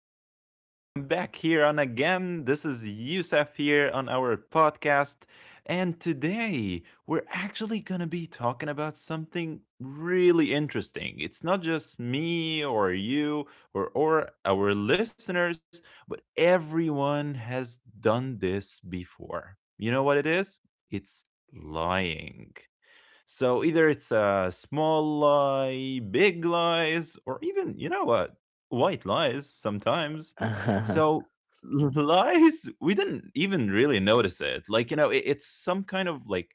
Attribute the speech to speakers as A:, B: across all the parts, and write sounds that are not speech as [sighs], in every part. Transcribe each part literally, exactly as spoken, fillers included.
A: here, everyone. I'm back here on again. This is Yusef here on our podcast. And today we're actually going to be talking about something really interesting. It's not just me or you or, or our listeners, but everyone has done this before. You know what it is? It's lying. So either it's a small lie, big lies, or even, you know what, white lies sometimes. So
B: [laughs]
A: [laughs] lies, we didn't even really notice it. Like, you know, it, it's some kind of like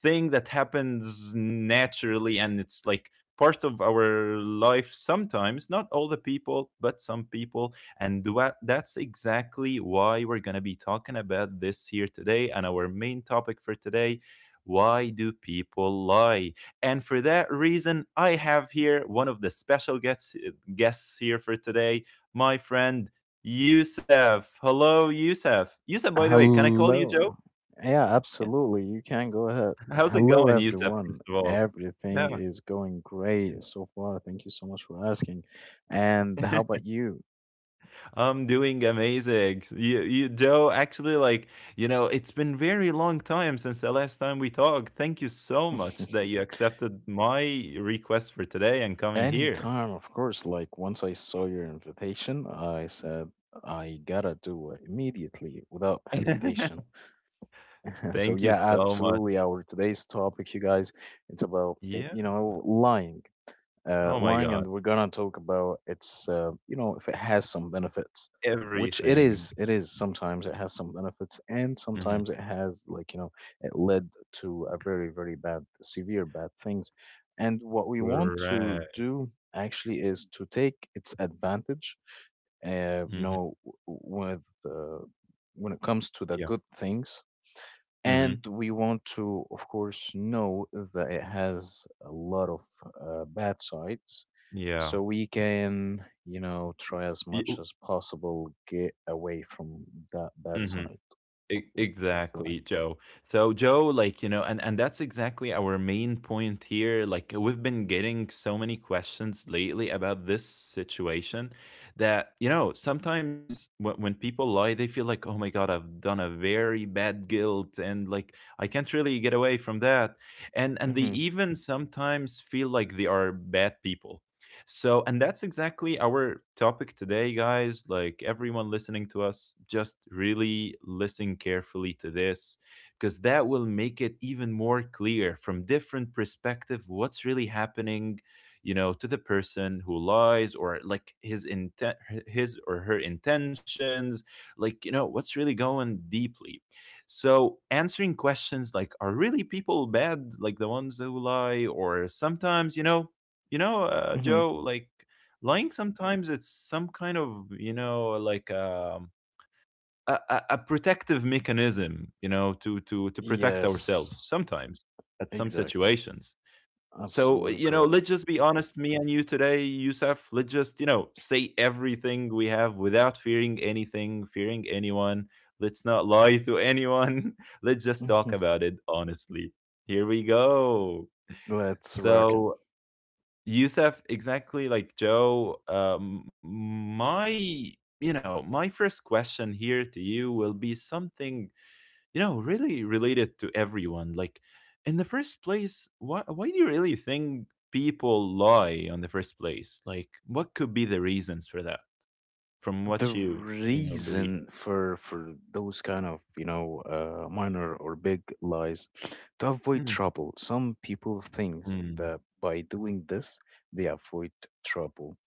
A: thing that happens naturally, and it's like part of our life sometimes, not all the people but some people, and wha- that's exactly why we're going to be talking about this here today. And our main topic for today, why do people lie? And for that reason, I have here one of the special guests uh, guests here for today, my friend Youssef. Hello, Youssef. Youssef, by the way, can I call you Joe?
B: Hello. Yeah,
A: Yeah.
B: absolutely. You can go ahead.
A: [laughs] How's it
B: Hello,
A: going, Youssef,
B: everyone.
A: first of all?
B: Everything
A: Yeah.
B: is going great so far. Thank you so much for asking. And how
A: [laughs]
B: about you?
A: I'm doing amazing. You, you, Joe, actually, like, you know, it's been very long time since the last time we talked. Thank you so much that
B: [laughs]
A: you accepted my request for today and coming here.
B: Anytime, of course. Like, once I saw your invitation, I said, I gotta do it immediately without
A: [laughs]
B: hesitation. [laughs]
A: Thank
B: So,
A: you
B: yeah,
A: so much.
B: absolutely. Our today's topic, you guys, it's about, eh,
A: Yeah.
B: you know, lying. Uh,
A: Oh my
B: lying,
A: god.
B: and we're gonna talk about its, uh, you know, if it has some benefits, which it
A: Everything.
B: is. It is sometimes it has some benefits, and
A: Mhm.
B: sometimes it has like you know, it led to a very very bad, severe bad things. And what we want to
A: Correct.
B: do actually is to take its advantage, uh, you
A: Mhm.
B: know, w- with uh, when it comes to the
A: Yeah.
B: good things,
A: Mhm.
B: and we want to, of course, know that it has a lot of uh, bad sides.
A: Yeah.
B: So we can, you know, try as
A: Y-
B: much as possible get away from that bad
A: Mhm.
B: side
A: E-
B: of, w- of life.
A: Exactly, Joe. So Joe, like, you know, and and that's exactly our main point here. Like, we've been getting so many questions lately about this situation that, you know, sometimes when, when people lie, they feel like, "Oh my God, I've done a very bad guilt, and like I can't really get away from that." And and they
B: hmm
A: even sometimes feel like they are bad people. So, and that's exactly our topic today, guys. Like, everyone listening to us, just really listen carefully to this, because that will make it even more clear from different perspective what's really happening, you know, to the person who lies, or like his intent, his or her intentions, like, you know, what's really going deeply. So, answering questions like, are really people bad, like the ones who lie, or sometimes, you know, you know, uh,
B: hmm
A: Joe, like, lying sometimes it's some kind of, you know, like um, a, a a protective mechanism, you know, to to to protect
B: Yes,
A: ourselves sometimes at some
B: exactly.
A: situations. So,
B: Absolutely
A: you know,
B: correct.
A: let's just be honest, me and you today, Yusuf, let's just, you know, say everything we have without fearing anything, fearing anyone. Let's not lie to anyone. [laughs] Let's just talk
B: [laughs]
A: about it honestly. Here we go.
B: Let's rock it.
A: So, Yousef, exactly like Joe, um, my, you know, my first question here to you will be something, you know, really related to everyone. Like, in the first place, why, why do you really think people lie on the first place? Like, what could be the reasons for that from
B: The
A: what you, you know, believe?
B: reason for for those kind of you know uh, minor or big lies to avoid
A: Mhm.
B: trouble, some people think
A: Mm.
B: that by doing this they avoid trouble,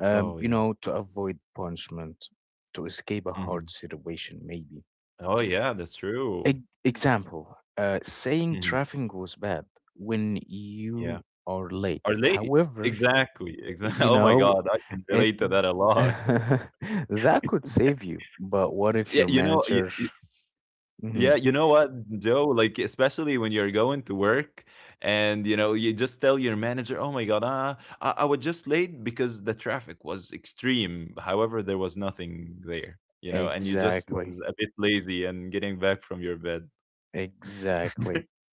B: um
A: Oh,
B: you
A: yeah.
B: know, to avoid punishment, to escape a
A: Hmm.
B: hard situation maybe.
A: Oh, yeah, that's true.
B: E- example, uh, saying
A: Hmm.
B: traffic was bad when
A: Yeah.
B: you are late.
A: Or late.
B: However,
A: Exactly. Exactly. [laughs]
B: you
A: Oh my
B: know
A: God, I can
B: it,
A: relate to that a
B: [laughs]
A: lot.
B: that could save you, but what
A: Yeah,
B: if
A: you
B: your
A: know, y y
B: manager?
A: yeah, you
B: Mhm,
A: know what, Joe? Like, especially when you're going to work and, you know, you just tell your manager, "Oh my God, ah, I I was just late because the traffic was extreme." However, there was nothing there, you know, and you just was
B: exactly,
A: a bit lazy and getting back from your bed.
B: exactly.
A: [laughs]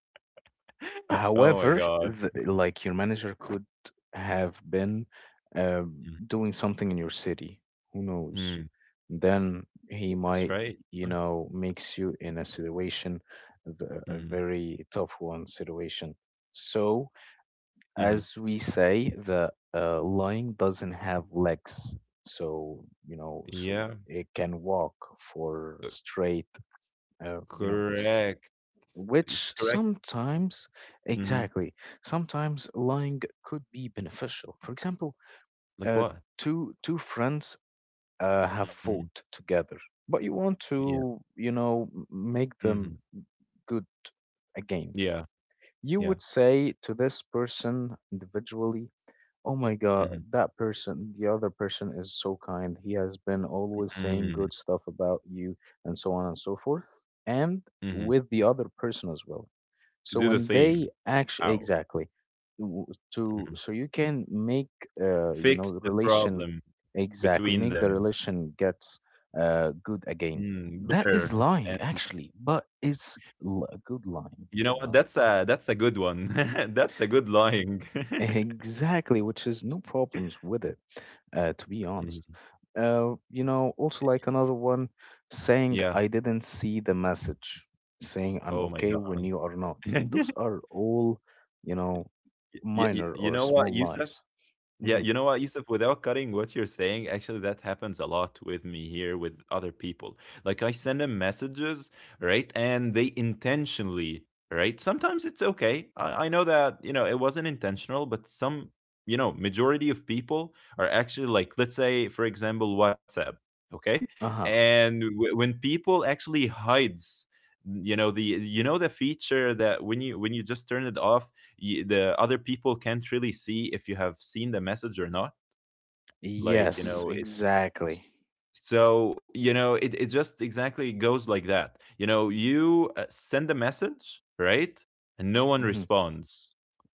A: Oh
B: However,
A: my God.
B: th like your manager could have been um,
A: Mm,
B: doing something in your city. Who knows?
A: mm,
B: Then he
A: that's
B: might,
A: right.
B: you
A: Mm,
B: know, makes you in a situation, the, a
A: mhm,
B: very tough one situation. So as
A: mhm.
B: we say, the uh, lion doesn't have legs, so you know, so
A: Yeah,
B: it can walk for
A: c
B: straight, uh, you know,
A: correct.
B: which
A: It's correct.
B: sometimes,
A: Mhm.
B: exactly, sometimes lying could be beneficial. For example, uh,
A: Like what?
B: two two friends uh, have
A: Mhm.
B: fought together, but you want
A: Yeah.
B: to, you know, m- make
A: Mhm.
B: them good again.
A: Yeah.
B: You would
A: Yeah.
B: say to this person individually, oh my God,
A: Mhm.
B: that person, the other person is so kind. He has been always saying
A: Mm.
B: good stuff about you and so on and so forth, and
A: Mhm.
B: with the other person as well.
A: To do
B: So
A: the
B: when
A: same.
B: they actually,
A: Wow.
B: exactly, w- to,
A: Mhm.
B: so you can make uh you know
A: Fix
B: the
A: the
B: relation,
A: problem between
B: exactly, make the
A: them.
B: relation gets uh good again.
A: Mm,
B: That
A: better.
B: is lying
A: And
B: actually, but it's l- a good lying,
A: you know
B: you
A: what?
B: know.
A: That's a that's a good one. [laughs] That's a good lying. [laughs]
B: Exactly, which is no problems with it, uh, to be honest.
A: Mhm.
B: Uh, you know, also like another one, saying,
A: Yeah.
B: I didn't see the message, saying I'm
A: Oh my
B: okay when
A: god.
B: you are not. Those
A: [laughs]
B: are all, you know,
A: Y- y-
B: minor
A: you
B: or
A: know what,
B: small
A: Yusuf?
B: lies.
A: Yeah,
B: hmm
A: you know what, Yusuf, without cutting what you're saying, actually, that happens a lot with me here with other people. Like, I send them messages, right? And they intentionally, right? Sometimes it's okay. I, I know that, you know, it wasn't intentional, but some, you know, majority of people are actually like, let's say, for example, WhatsApp, okay?
B: Uh-huh.
A: And w- when people actually hides, you know, the you know the feature that when you when you just turn it off, y- the other people can't really see if you have seen the message or not, like you
B: Yes,
A: know it.
B: exactly.
A: So you know it, it just exactly goes like that. You know, you uh, send a message, right, and no one
B: hmm
A: responds,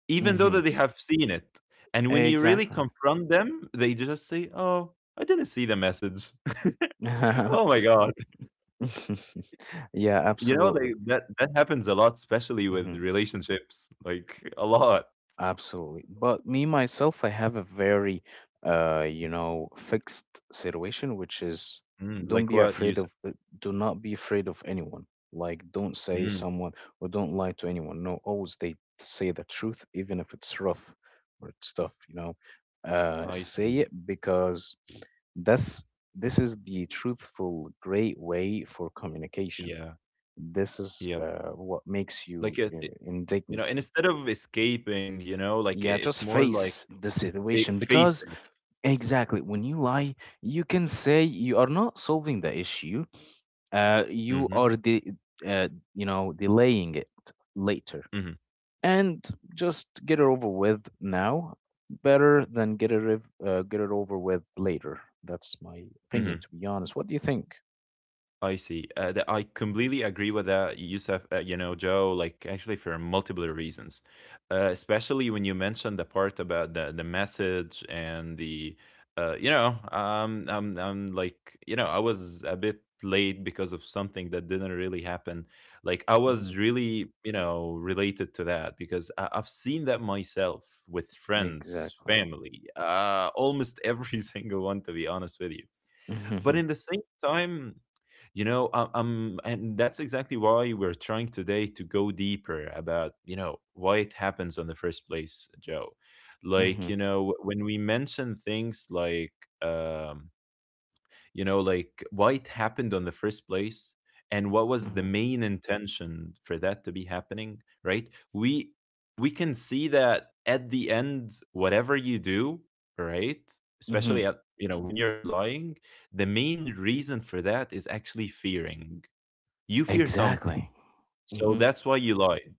A: even though
B: hmm
A: that they have seen it. And when you really
B: Exactly.
A: confront them, they just say, oh, I didn't see the message. [laughs] Oh
B: [laughs]
A: my god.
B: [laughs] Yeah,
A: You know, they,
B: absolutely.
A: that that happens a lot, especially with
B: Mhm.
A: relationships, like, a lot.
B: Absolutely. But me myself, I have a very, uh, you know, fixed situation, which is
A: Mm,
B: don't
A: like
B: be
A: what you
B: afraid
A: said.
B: of, uh, do not be afraid of anyone. Like, don't say
A: Mm,
B: someone or don't lie to anyone. No, always they say the truth, even if it's rough or it's tough, you know. Uh,
A: I
B: say
A: see.
B: it because that's this is the truthful, great way for communication.
A: Yeah.
B: This is
A: Yeah.
B: uh, what makes
A: Like,
B: you
A: it
B: uh,
A: it
B: in
A: you know, and
B: dignity.
A: instead of escaping, you know, like, I
B: Yeah,
A: it's
B: just
A: more like,
B: face the
A: eh,
B: situation
A: face
B: because
A: it.
B: exactly when you lie, you can say you are not solving the issue. Uh, you
A: Mhm.
B: are the uh, you know delaying it later,
A: Mhm.
B: and just get it over with now. Better than get it rev- uh, get it over with later. That's my opinion,
A: Mhm.
B: to be honest. What do you think?
A: I see. Uh, that I completely agree with that, Yusuf. Uh, you know, Joe. Like, actually, for multiple reasons, uh, especially when you mentioned the part about the the message and the, uh, you know, um, I'm I'm like, you know, I was a bit late because of something that didn't really happen. Like, I
B: hmm
A: was really, you know, related to that because I, I've seen that myself with friends,
B: Exactly.
A: family, uh, almost every [laughs] single one, to be honest with you. But
B: hmm
A: in the same time, you know, um, um, and that's exactly why we're trying today to go deeper about, you know, why it happens on the first place, Joe. Like,
B: hmm
A: you know, when we mention things like, um, you know, like why it happened on the first place and what was the
B: hmm
A: main intention for that to be happening, right? We we can see that at the end, whatever you do, right, especially
B: hmm
A: at, you know, when you're lying, the main reason for that is actually fearing. You fear something.
B: Exactly.
A: So
B: hmm
A: that's why you lied.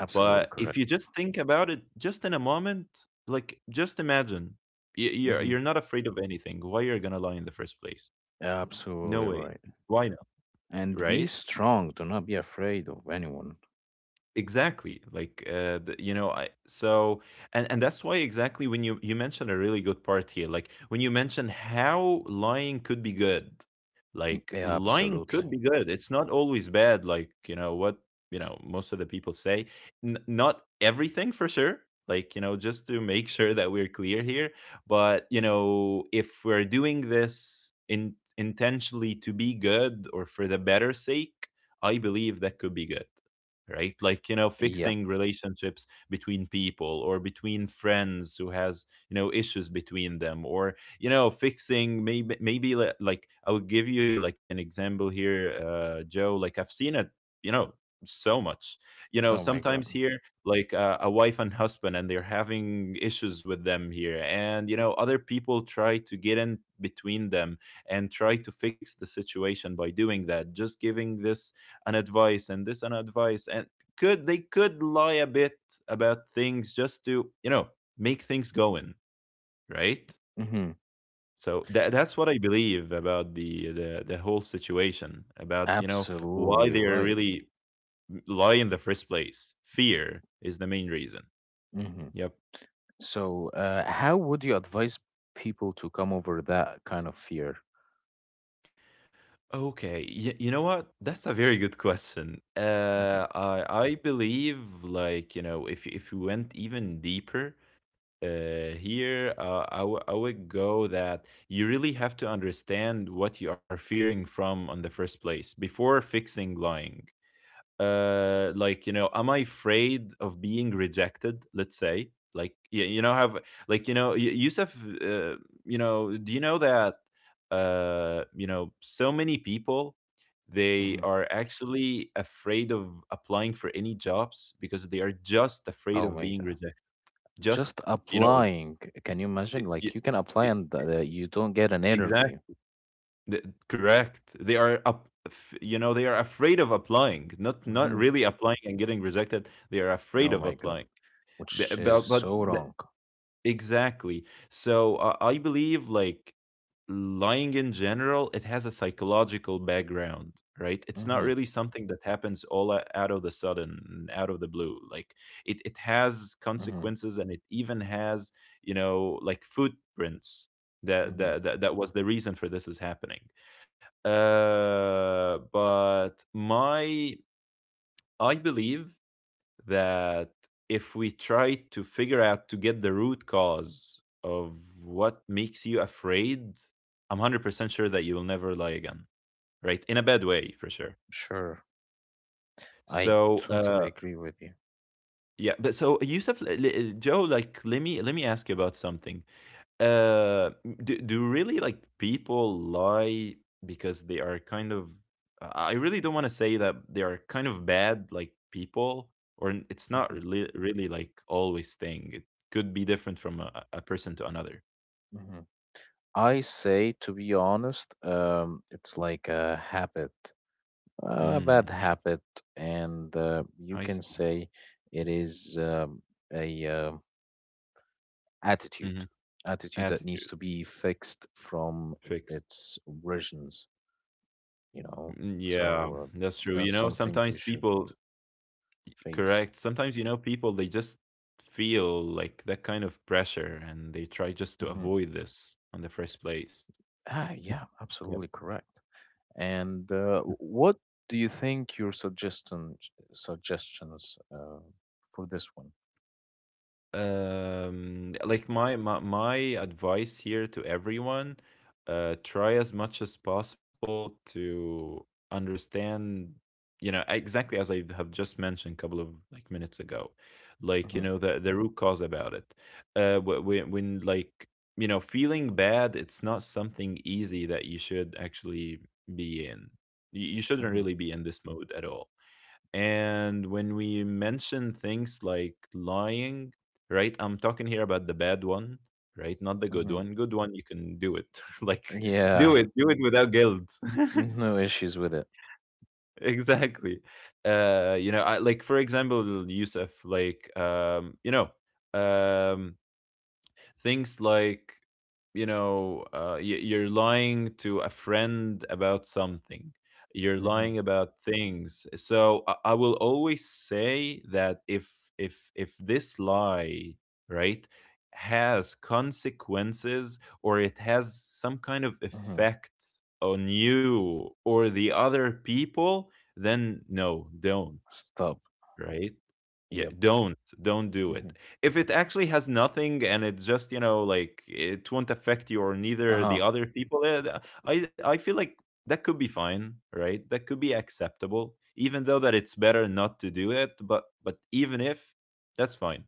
B: Absolutely
A: But if
B: correct.
A: you just think about it just in a moment, like, just imagine, y- you're
B: hmm
A: you're not afraid of anything, why you're gonna lie in the first place? No
B: Absolutely
A: way.
B: right.
A: Why not?
B: And
A: Right?
B: be strong. Do not be afraid of anyone.
A: Exactly, like uh the, you know, I so, and and that's why exactly when you you mentioned a really good part here, like when you mention how lying could be good. Like
B: Yeah,
A: lying
B: absolutely.
A: could be good, it's not always bad, like, you know what, you know, most of the people say. N- not everything for sure, like, you know, just to make [laughs] sure that we're clear here. But, you know, if we're doing this in intentionally to be good, or for the better sake, I believe that could be good, right? Like, you know,
B: Yeah.
A: fixing relationships between people, or between friends who has, you know, issues between them, or, you know, fixing maybe maybe li- like, I'll give you like an example here, uh, Joe, like, I've seen it, you know, so much, you know,
B: Oh my
A: sometimes
B: God.
A: here, like uh, a wife and husband and they're having issues with them here, and you know, other people try to get in between them, and try to fix the situation by doing that, just giving this an advice and this an advice, and could, they could lie a bit about things just to, you know, make things going right.
B: hmm
A: So that that's what I believe about the, the the whole situation about, you know, why
B: Absolutely
A: they are
B: right.
A: really lie in the first place. Fear is the main reason.
B: hmm
A: Yep.
B: So, uh, how would you advise people to come over that kind of fear?
A: Okay, y- you know what, that's a very good question.
B: hmm
A: Uh, i i believe, like, you know, if if we went even deeper, uh, here, uh, I, w- I would go that you really have to understand what you are fearing from on the first place before fixing lying. Uh, like, you know, am I afraid of being rejected? Let's say, like you, you know, have, like, you know, Y- yusuf, uh, you know, do you know that, uh, you know, so many people, they
B: hmm
A: are actually afraid of applying for any jobs because they are just afraid
B: Oh
A: of
B: my
A: being
B: God.
A: rejected, just,
B: Just
A: you know.
B: applying. Can you imagine?
A: E-
B: Like,
A: e-
B: you can apply
A: e-
B: and th- uh, you don't get an
A: Exact,
B: interview.
A: th- Correct. They are up, f- you know, they are afraid of applying, not not
B: hmm
A: really applying and getting rejected. They are afraid
B: Oh
A: of
B: my God.
A: applying.
B: Which
A: But
B: is
A: but, but
B: so
A: the-
B: wrong.
A: exactly. So uh, I believe like lying in general, it has a psychological background, right? It's not
B: hmm
A: really something that happens all o- out of the sudden, out of the blue. Like, it, it has
B: hmm
A: consequences, and it even has, you know, like footprints. That
B: hmm
A: that that, that was the reason for this is happening. Uh, but my, I believe that if we try to figure out to get the root cause of what makes you afraid, I'm one hundred percent sure that you'll never lie again, right? In a bad way, for sure.
B: Sure. I
A: So,
B: totally
A: uh,
B: agree with you.
A: yeah, but so Yusuf, l- l- Joe, like, let me let me ask you about something. Uh, do, do really, like, people lie because they are kind of i I really don't want to say that they are kind of bad, like, people, or n- it's not
B: hmm
A: really really like always thing. It could be different from a, a person to another.
B: hmm I say, to be honest, um, it's like a habit, uh, a bad
A: Mm.
B: habit, and uh, you
A: I
B: can
A: see.
B: say it is um, a uh, attitude,
A: Hmm.
B: attitude that needs to
A: Attitude.
B: be fixed from
A: Fixed.
B: its origins. You know,
A: Mm,
B: so
A: yeah.
B: uh,
A: That's true, you
B: that's
A: know
B: something
A: sometimes
B: we should
A: people.
B: face.
A: Correct. Sometimes, you know people, they just feel like that kind of pressure and they try just to
B: hmm
A: avoid this on the first place.
B: Ah, yeah,
A: Yep.
B: absolutely correct. And uh, what do you think your suggestion suggestions uh, for this one?
A: um like, my my, my advice here to everyone, uh try as much as possible to understand, you know exactly as I have just mentioned a couple of, like, minutes ago, like, you
B: hmm
A: know the the root cause about it. Uh wh- when when, like, you know feeling bad, it's not something easy that you should actually be in. You you shouldn't
B: hmm
A: really be in this mode at all. And when we mention things like lying, right? I'm talking here about the bad one, right? Not the good
B: hmm
A: one. Good one, you can do it. [laughs] Like, do
B: Yeah,
A: it, do it without guilt. [laughs]
B: no issues with it.
A: Exactly. Uh, you know, I, like, for example, Yusuf, like, um, you know, um, things like, you know uh, y- you're lying to a friend about something, you're lying
B: hmm
A: about things. So I-, I will always say that if if if this lie, right, has consequences or it has some kind of
B: hmm
A: effect on you or the other people, then no, don't.
B: Stop.
A: Right. Yeah,
B: Yep.
A: don't don't do
B: hmm
A: it. If it actually has nothing and it's just, you know, like, it won't affect you or neither
B: Uh-huh.
A: the other people, eh, th- I I feel like that could be fine, right? That could be acceptable, even though that it's better not to do it. But but even if, that's fine.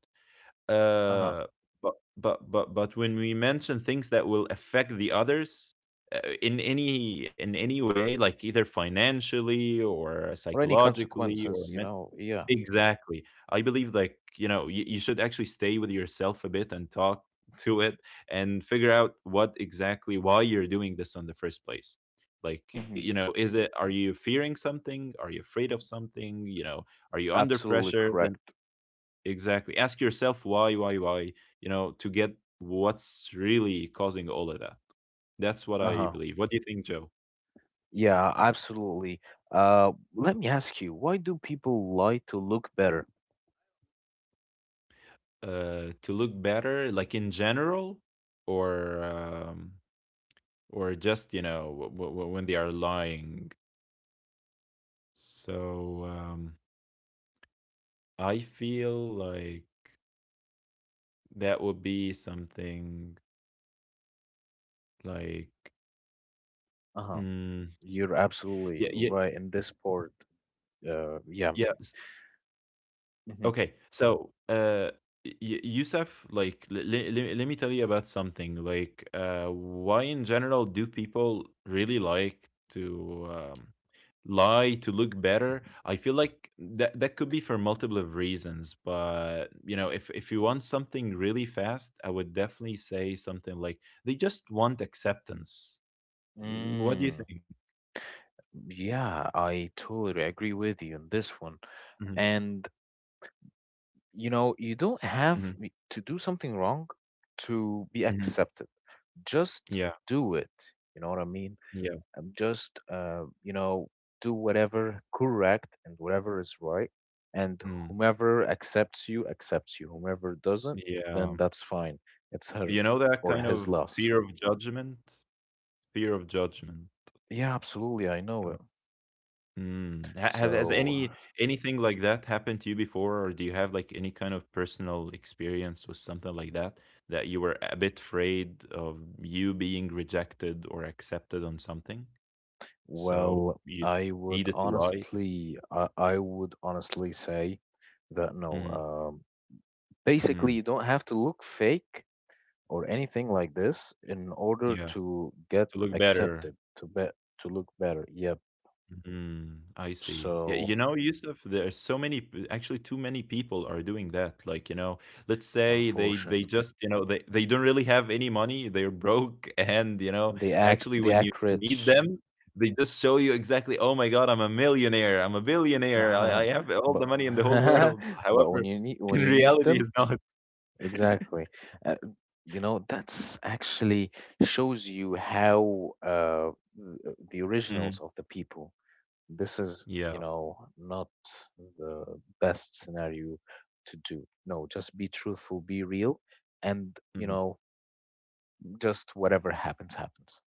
B: Uh-huh.
A: Uh, but but but but when we mention things that will affect the others, uh, in any in any way, like either financially or
B: Or any
A: psychologically or
B: consequences, you
A: mentally.
B: know. Yeah.
A: Exactly. I believe, like, you know, you, you should actually stay with yourself a bit and talk [laughs] to it and figure out what exactly, why you're doing this in the first place. Like, you
B: hmm
A: know, is it are you fearing something? Are you afraid of something? You know, are you under
B: Absolutely
A: pressure? Then
B: correct.
A: exactly. Ask yourself why, why, why, you know, to get what's really causing all of that. That's what I
B: Uh-huh.
A: believe. What do you think, Joe?
B: Yeah, absolutely. Uh, let me ask you, why do people lie to look better?
A: Uh, to look better, like, in general, or um, or just, you know w- w- when they are lying. So um, I feel like that would be something like,
B: Uh-huh.
A: mm,
B: You're
A: yeah,
B: absolutely
A: yeah,
B: right in this part. Uh, yeah.
A: yeah. Okay, so, uh, y- Yusuf, like, l- l- let me tell you about something. Like, uh, why in general do people really like to, um, lie to look better? I feel like that that could be for multiple of reasons, but, you know, if if you want something really fast, I would definitely say something like, they just want acceptance. Mm. What do you
B: Mm-hmm.
A: think?
B: Yeah, I totally agree with you on this one.
A: Hmm.
B: And you know, you don't
A: Hmm.
B: have y- to do something wrong to be
A: Hmm.
B: accepted. Just
A: Yeah,
B: do it. You know what I mean?
A: yeah,
B: Um, just uh, you know, do whatever correct and whatever is right. And
A: mm,
B: whomever accepts you, accepts you. Whomever doesn't,
A: yeah.
B: then that's fine. It's her
A: You know that
B: or
A: kind
B: his
A: of
B: loss.
A: fear of judgment? Fear of judgment.
B: Yeah, absolutely. I know
A: Yeah.
B: it.
A: Mm. Ha ha has
B: So,
A: any anything like that happened to you before, or do you have, like, any kind of personal experience with something like that, that you were a bit afraid of you being rejected or accepted on something? So
B: well,
A: you
B: I would
A: needed to lie?
B: honestly, I, I would honestly say that no.
A: Mhm.
B: Um, Basically,
A: Mm.
B: you don't have to look fake or anything like this in order
A: Yeah.
B: to get
A: To look better.
B: accepted, to be to look better. Yep.
A: Mm, I see. Yeah, you
B: So,
A: know, Yusuf, there are so many, p- actually, too many people are doing that. Like, you know, let's say they they
B: unfortunately,
A: just, you know, they they don't really have any money, they're broke, [laughs] and you
B: and
A: know,
B: they act, they
A: actually, when
B: act
A: you meet
B: rich,
A: them, they just show you exactly, oh my God, I'm a millionaire, I'm a billionaire, I, I
B: [laughs]
A: have all
B: but
A: the money in the whole world. [laughs]
B: [laughs] but when
A: However,
B: you need, when
A: in
B: you need
A: reality,
B: them,
A: it's not.
B: exactly. Uh, you know, that's actually shows you how uh, th- the
A: Mhm.
B: originals of the people. This is,
A: Yeah,
B: you know, not the best scenario to do. No, just be truthful, be real, and, you
A: mhm.
B: know, just whatever happens, happens.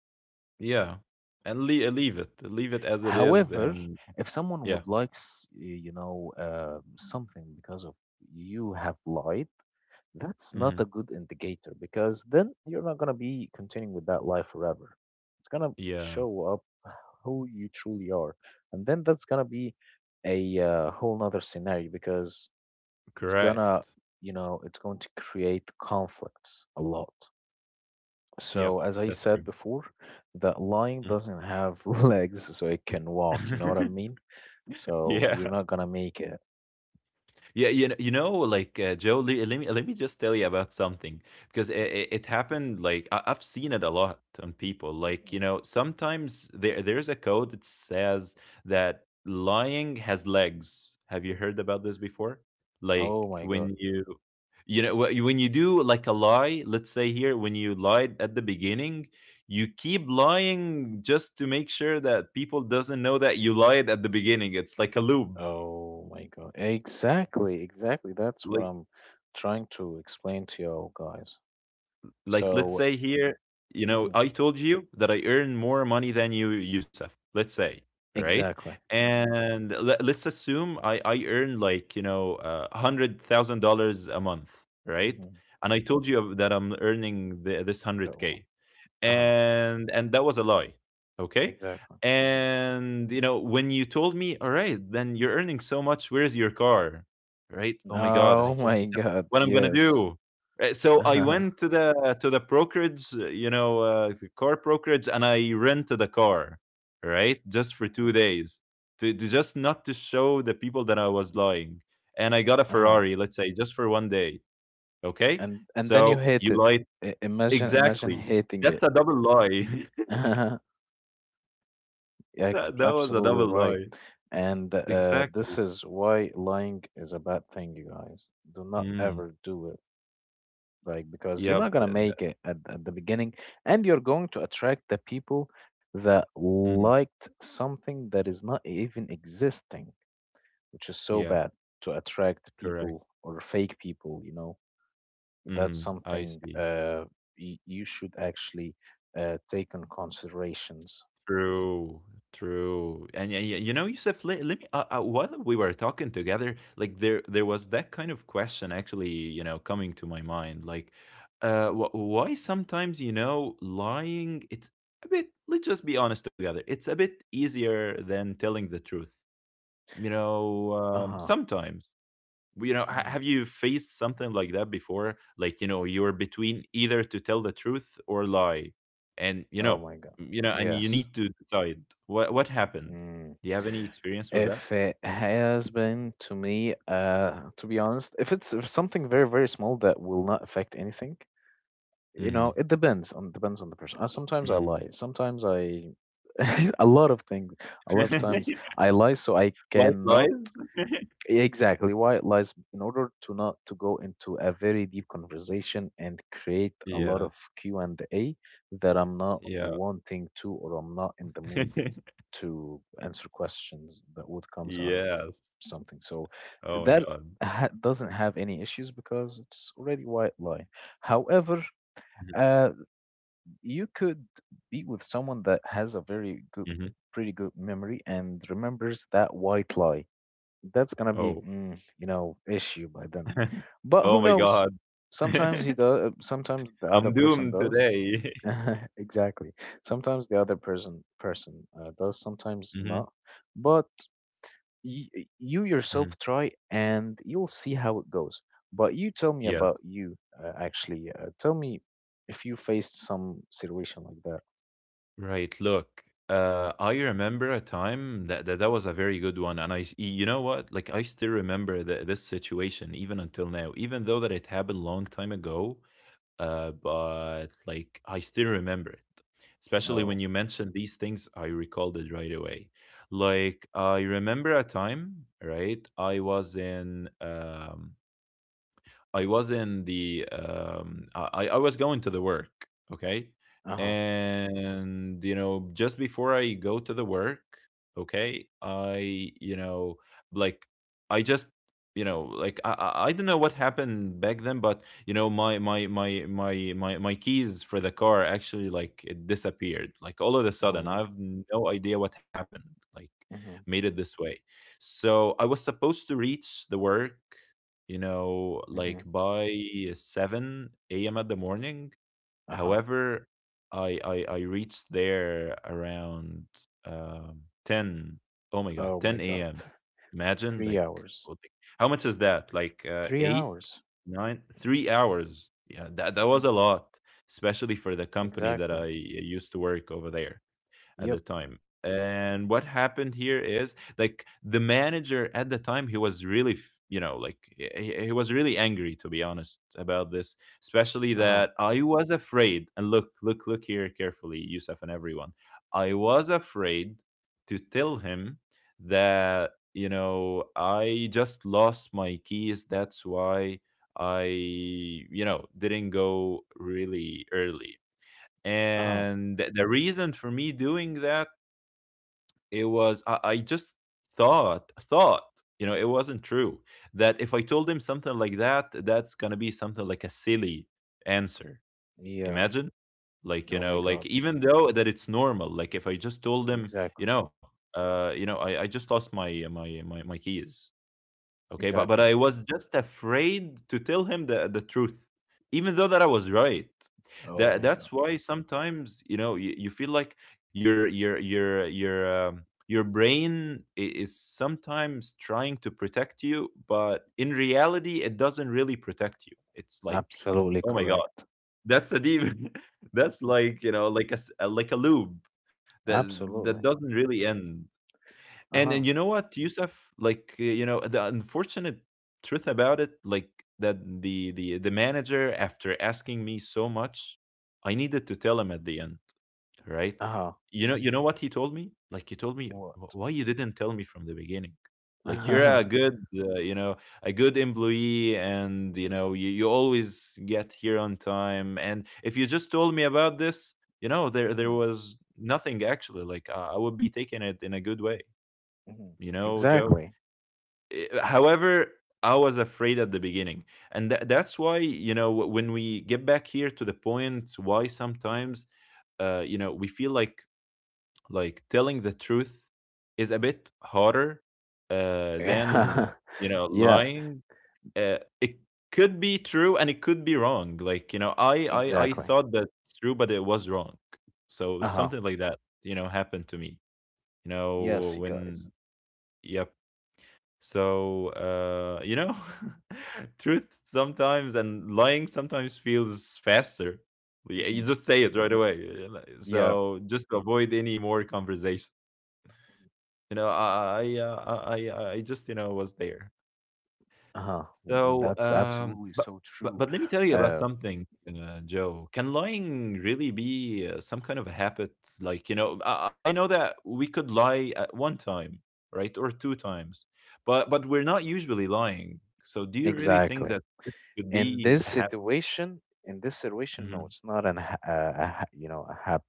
A: Yeah, and le leave it, leave it as it is,
B: However,
A: and
B: if someone
A: yeah.
B: would like, s- y- you know, uh, something because of you have lied, that's not
A: Hmm.
B: a good indicator because then you're not going to be continuing with that life forever. It's going to
A: Yeah,
B: show up [sighs] who you truly are. And then that's going to be a uh, whole nother scenario because it's going to,
A: correct.
B: you know, it's going to create conflicts a lot.
A: Yep,
B: So, as I
A: that's
B: said
A: true.
B: before, that lying
A: Mm.
B: doesn't have [laughs] legs so it can walk. You know what I mean?
A: [laughs]
B: So,
A: Yeah.
B: you're not going to make it.
A: Yeah, you know, you know, like, uh, Joe, le- let me let me just tell you about something, because it, it, it happened. Like, I, I've seen it a lot on people.
B: Mhm,
A: Like,
B: mhm.
A: you know, sometimes there there's a code that says that lying has legs. Have you heard about this before? Like
B: Oh my God.
A: when you, you know, wh- when you do, like, a lie. Let's say here, when you lied at the beginning, you keep lying just to make sure that people doesn't know that you lied at the beginning. It's like a loop.
B: Oh my God. Exactly, exactly. That's what
A: Like
B: I'm trying to explain to you guys.
A: like let's
B: So,
A: say here, you know,
B: mhm,
A: I told you that I earn more money than you, Yusuf. Let's say, right?
B: exactly.
A: And let, let's assume I I earn, like, you know uh, hundred thousand dollars a month, right?
B: hmm
A: And I told you that I'm earning the, this hundred
B: Got one.
A: k,
B: Uh-huh.
A: and and that was a lie. Okay.
B: Exactly. hmm
A: And you know when you told me, all right, then you're earning so much, where's your car, right? Oh my God, I
B: Oh
A: told
B: my
A: myself,
B: God.
A: what I'm gonna
B: Yes. [laughs]
A: do? Right, so I
B: Uh-huh.
A: went to the to the brokerage, uh, you know uh, the car brokerage, and I rented a car, right, just for two
B: Mhm.
A: days to, to just not to show the people that I was lying. And I got a
B: Uh-huh.
A: Ferrari, let's say, just for one day. Okay.
B: And and then you
A: So you
B: hate it.
A: lied.
B: I- imagine, imagine
A: Exactly.
B: hating
A: That's
B: it.
A: a double lie. [laughs]
B: [laughs] Yeah,
A: That
B: ex-
A: that was a double
B: absolutely
A: lie.
B: right. And uh,
A: Exactly.
B: this is why lying is a bad thing, you guys. Do not
A: Mm.
B: ever do it like because you're not
A: Yep.
B: going
A: That,
B: to
A: that,
B: make it at, at the beginning, and you're going to attract the people that
A: mhm.
B: liked something that is not even existing, which is so
A: Yeah.
B: bad, to attract
A: Correct.
B: people or fake people, you know. That's
A: Hmm. I
B: something
A: see.
B: uh y- you should actually uh take in considerations.
A: True. True. And yeah, yeah, you know, Yusuf, let, let me. Uh, uh, while we were talking together, like, there, there was that kind of question, actually, you know, coming to my mind. Like, uh, wh- why sometimes, you know lying? It's a bit. Let's just be honest together. It's a bit easier than telling the truth. you know um,
B: Uh-huh.
A: sometimes. Well, you know ha-
B: hmm
A: have you faced something like that before? Like, you know you're between either to tell the truth or lie. And you
B: oh
A: know
B: my god.
A: you know and you
B: Yes.
A: need to decide, what what happened?
B: Mm.
A: Do you have any experience with that?
B: If it has been to me, uh, to be honest, if it's if something very, very small that will not affect anything, you know,
A: Hmm.
B: it depends on, depends on the person. Uh, sometimes I lie.
A: [laughs]
B: Sometimes I [laughs] a lot of things. A lot of times I lie so I
A: White
B: cannot
A: lies. [laughs]
B: exactly why it lies in order to not to go into a very deep conversation and create a lot
A: Yeah,
B: of Q and A that I'm not
A: yeah.
B: wanting to, or I'm not in the mood
A: [laughs]
B: to answer questions that would comes out of
A: Yes.
B: something. So
A: Oh my
B: that
A: God.
B: ha- doesn't have any issues because it's already white lie. However, uh, you could be with someone that has a very good,
A: Hmm.
B: pretty good memory and remembers that white lie. That's gonna be,
A: Oh.
B: mm, you know, issue by then.
A: [laughs]
B: But
A: Oh
B: who
A: my
B: knows?
A: God.
B: Sometimes he
A: [laughs]
B: does. Sometimes the other
A: I'm
B: person
A: doomed
B: does.
A: today.
B: [laughs] Exactly. Sometimes the other person person uh, does.
A: [laughs]
B: Sometimes
A: Hmm.
B: not. But you, you
A: Hmm.
B: yourself try and you'll see how it goes. But you tell me about you, uh, actually. Uh, tell me if you faced some situation like that.
A: Right. Look, uh, I remember a time that, that that was a very good one, and I, s- you know what? Like, I still remember the, this situation even until now, even though that it happened long time ago. Uh, but, like, I still remember it. Especially when
B: Oh,
A: you mentioned these things, I recalled it right away. Like, I remember a time, right? I was in um, I was in the um, I I was going to the work, okay,
B: uh huh.
A: and, you know just before I go to the work, okay, I you know like I just, you know like, I I I don't know what happened back then, but, you know my my my my my my keys for the car actually, like, it disappeared, like, all of a
B: Oh
A: sudden.
B: my
A: I
B: god.
A: have no idea what happened. Like,
B: Mm-hmm.
A: made it this way. So I was supposed to reach the work, you know,
B: Mm-hmm.
A: like, by seven a m at the morning.
B: Uh huh.
A: However, I I, I reached there around, um, ten. Oh my God,
B: Oh my
A: 10
B: god.
A: a.m.
B: [sighs]
A: Imagine,
B: Three
A: like,
B: hours.
A: oh, like, how much is that? Like, uh,
B: Three
A: eight,
B: hours.
A: nine, three hours. Yeah, that that was
B: Mm-hmm.
A: a lot, especially for the company that I
B: Exactly.
A: used to work over there at the
B: Yep.
A: time. And what happened here is, like, the manager at the time, he was really, f- you know, like, he, he he was really angry, to be honest, about this, especially
B: Uh huh.
A: that I was afraid. And look, look, look here carefully, Yusuf and everyone. I was afraid to tell him that, you know, I just lost my keys. That's why. I, you know, didn't go really early,
B: Uh huh.
A: and th- the reason for me doing that, it was, I, I just thought thought you know it wasn't true, that if I told him something like that, that's gonna be something like a silly answer.
B: Yeah.
A: Imagine, like, you
B: Oh my
A: know like,
B: god.
A: even though that it's normal, like, if I just told him, you
B: Exactly.
A: know uh you know i, I just lost my my my my keys. Okay, but but
B: Exactly.
A: I was just afraid to tell him the the truth, even though that I was right.
B: Oh
A: That
B: my god.
A: that's why sometimes, you know you, you feel like your your your your um, your brain i- is sometimes trying to protect you, but in reality, it doesn't really protect you. It's like,
B: Absolutely
A: oh my God,
B: correct.
A: that's a demon. [laughs] That's
B: Mhm.
A: like you know like a s- uh, like a loop that that
B: Absolutely.
A: doesn't really end.
B: Uh
A: And
B: huh.
A: and you know what, Yusuf? Like uh, you know, the unfortunate truth about it, like that the the the manager, after asking me so much, I needed to tell him at the end, right?
B: Uh huh.
A: You know, you know what he told me? Like he told me,
B: What?
A: "Wh- why you didn't tell me from the beginning? Like you're a
B: [laughs]
A: good, uh, you know, a good employee, and you know, you, you always get here on time. And if you just told me about this, you know, there there
B: Mhm,
A: was nothing actually. Like I I would be taking it in a good way
B: mhm.
A: you know, Joe.
B: Exactly.
A: Eh, eh, However, I was afraid at the beginning. And tha- that's why, you know, wh- when we get back here to the point why sometimes, uh, you know, we feel like like telling the truth is a bit harder uh, than,
B: [laughs]
A: you know,
B: Yeah,
A: lying. Uh, it could be true and it could be wrong. Like, you know, I, I, I
B: exactly.
A: thought that's true, but it was wrong. So
B: Uh-huh.
A: something like that, you know, happened to me, you know,
B: Yes, you
A: when,
B: guys.
A: yep. So, uh, you know, [laughs] truth sometimes and lying sometimes feels faster. Y- You
B: hmm
A: just say it right away. You know, so
B: Yeah.
A: just to avoid any more conversation. You know, I I uh, I I I just you know was there.
B: Uh-huh.
A: So,
B: That's
A: um,
B: absolutely
A: but
B: so
A: but
B: true.
A: but let me tell you about
B: Uh, mhm,
A: something, uh, Joe. Can lying really be uh, some kind of a habit? Like, you know, I, I know that we could lie at one time, right, or two times, but but we're not usually lying. So, do you really think
B: exactly.
A: that this could
B: In
A: be
B: this
A: a habit?
B: situation, in this situation, no,
A: Hmm.
B: it's not an ha- uh, a, ha- you know, a hap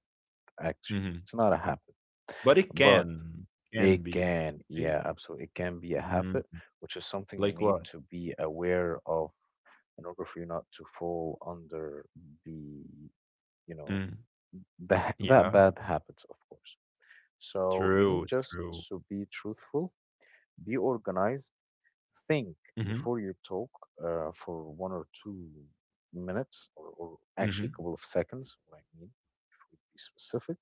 B: actually.
A: Hmm.
B: It's not a habit,
A: But it
B: but
A: can can
B: it
A: be.
B: can,
A: It-
B: yeah, absolutely. It can be a
A: mm,
B: habit, which is something you
A: Like
B: need
A: what?
B: to be aware of in order for you not to fall under the you know
A: Mm.
B: that [laughs] that
A: Yeah,
B: bad habits of course so you need
A: true,
B: just
A: true.
B: to be truthful, be organized, think
A: Hmm.
B: before you talk uh, for one or two minutes or, or actually
A: Hmm.
B: a couple of seconds what I mean to be specific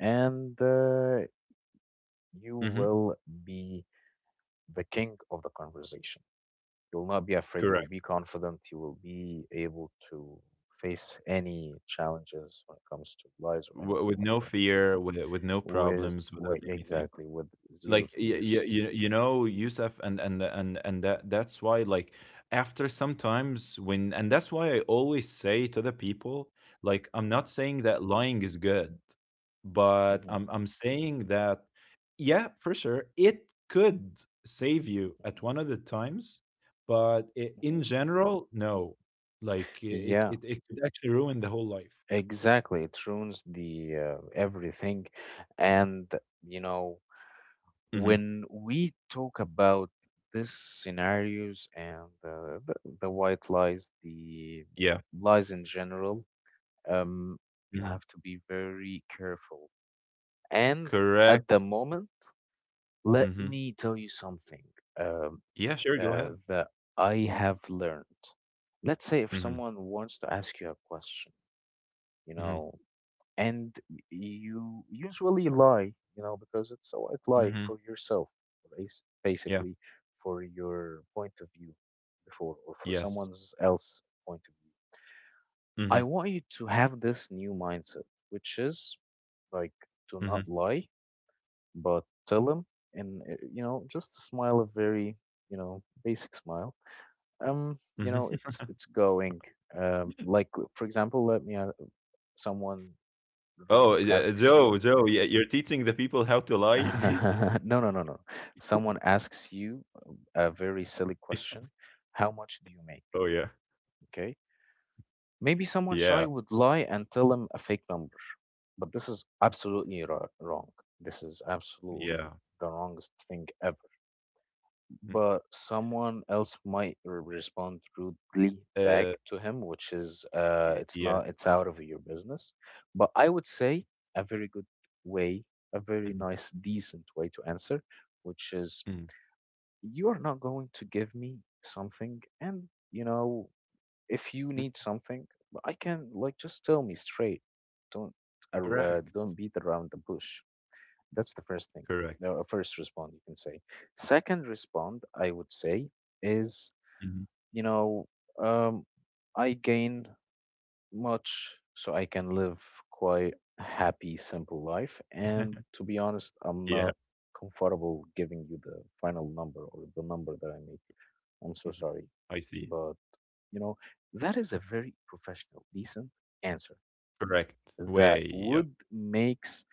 B: and uh, you
A: Hmm.
B: will be the king of the conversation. You will not be afraid, you will
A: Correct.
B: be confident, you will be able to face any challenges when it comes to lies or
A: W
B: anything
A: with
B: like
A: no
B: that
A: fear, with with no
B: with
A: problems, without
B: with
A: anything.
B: exactly with zero
A: Like y you
B: fears.
A: you know, Yusuf, and and and and that that's why, like after sometimes when and that's why I always say to the people like I'm not
B: Mhm,
A: saying that lying is good, but
B: mhm,
A: I'm I'm saying that yeah, for sure, it could save you
B: mhm,
A: at one of the times, but i-
B: mhm.
A: in general, no. Like i- it
B: Yeah,
A: it it could actually ruin the whole life.
B: exactly. It ruins the uh, everything, and you know
A: Hmm.
B: when we talk about these scenarios and uh, the the white lies, the
A: Yeah.
B: lies in general, um, you have to be very careful. And
A: Correct.
B: at the moment, let
A: Mhm.
B: me tell you something. Um,
A: Yeah, sure, go ahead.
B: uh, that I have learned. Let's say if
A: Mhm.
B: someone wants to ask you a question, you
A: Mhm.
B: know, and you usually lie, you know, because it's a white lie
A: Mhm.
B: for yourself, bas-
A: Yeah.
B: basically for your point of view before or for
A: Yes.
B: someone else point of view. I
A: Mhm.
B: want you to have this new mindset, which is like do not
A: Mhm.
B: lie, but tell them and uh, you know, just smile a very, you know, basic smile. Um, you
A: Mhm.
B: know,
A: [laughs]
B: it's it's going. Um, like for example, let me uh, someone rude
A: Oh, yeah,
B: asks you.
A: Joe, Joe, yeah, you're teaching the people how to lie?
B: [laughs] No, no, no, no. Someone asks you a very silly
A: [laughs]
B: question. How much do you make?
A: Oh, yeah.
B: Okay. Maybe someone shy
A: Yeah.
B: would lie and tell them a fake number, but this is
A: Mhm.
B: absolutely ro- wrong. This is
A: Yeah.
B: absolutely the wrongest thing ever.
A: Mm.
B: But someone else might r- respond rudely
A: Uh,
B: back to him, which is uh
A: y
B: it's
A: Yeah.
B: not, it's out of your business. But I would say a very good way, a very
A: Mhm.
B: nice decent way to answer, which is
A: Mhm.
B: you are not going to give me something and you know if you
A: Mm.
B: need something I can, like, just tell me straight. Don't ar- uh,
A: Correct.
B: don't beat around the bush. That's the first thing,
A: Correct.
B: the uh, first respond you can say. Second respond, I would say, is,
A: Mhm.
B: you know, um, I gain much so I can live quite happy, simple life. And
A: [laughs]
B: to be honest, I'm
A: Yeah.
B: not comfortable giving you the final number or the number that I make. I'm so
A: Mhm.
B: sorry.
A: I see.
B: But, you know, that is a very professional, decent answer
A: Correct way.
B: that
A: Yeah.
B: would makes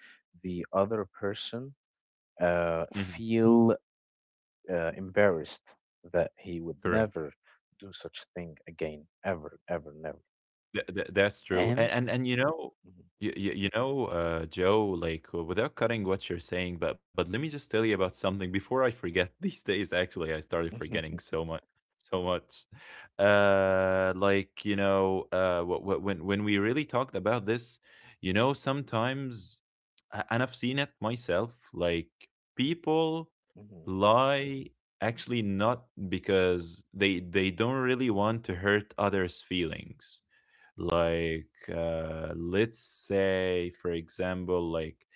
B: the other person uh,
A: Mhm.
B: feel uh, embarrassed, that he would
A: Correct.
B: never do such thing again, ever, ever, never.
A: Th th that's true, and
B: And
A: and and, you know you you you know, uh, Joe, like, uh, without cutting what you're saying, but but let me just tell you about something before I forget. [laughs] These days, actually, I started forgetting
B: mhm,
A: so much, so much. Uh, like, you know, uh, wh wh when when we really talked about this, you know, sometimes, a- and I've seen it myself, like people
B: mhm,
A: lie actually not because they they don't really want to hurt others' feelings. Like uh, let's say for example, like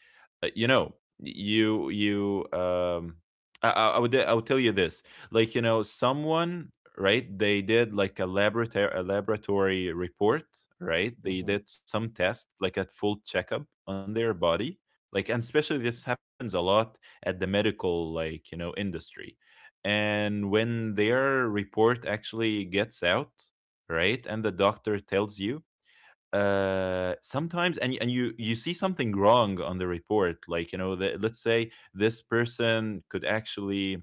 A: uh, you know you you um I, I I would I would tell you this, like you know someone, right? They did like a laboratory a laboratory report, right? They
B: mhm,
A: did some test, like a full checkup on their body. Like and especially this happens a lot at the medical, like you know, industry. And when their report actually gets out, right, and the doctor tells you, uh, sometimes, and and you you see something wrong on the report, like, you know, the, let's say this person could actually,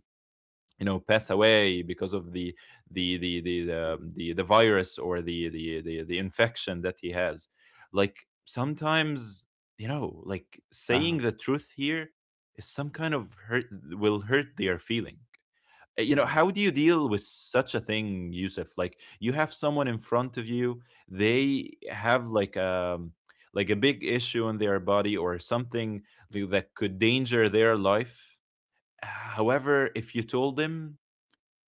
A: you know, pass away because of the the the the the, um, the, the virus, or the, the the the infection that he has. Like sometimes, you know, like
B: [laughs]
A: saying
B: uh-huh,
A: the truth here is some kind of hurt, will hurt their feeling. Uh, you know,
B: mhm,
A: how do you deal with such a thing, Yusuf? Like you have someone in front of you, they have like um like a big issue in their body or something th- that could danger their life. However, if you told him,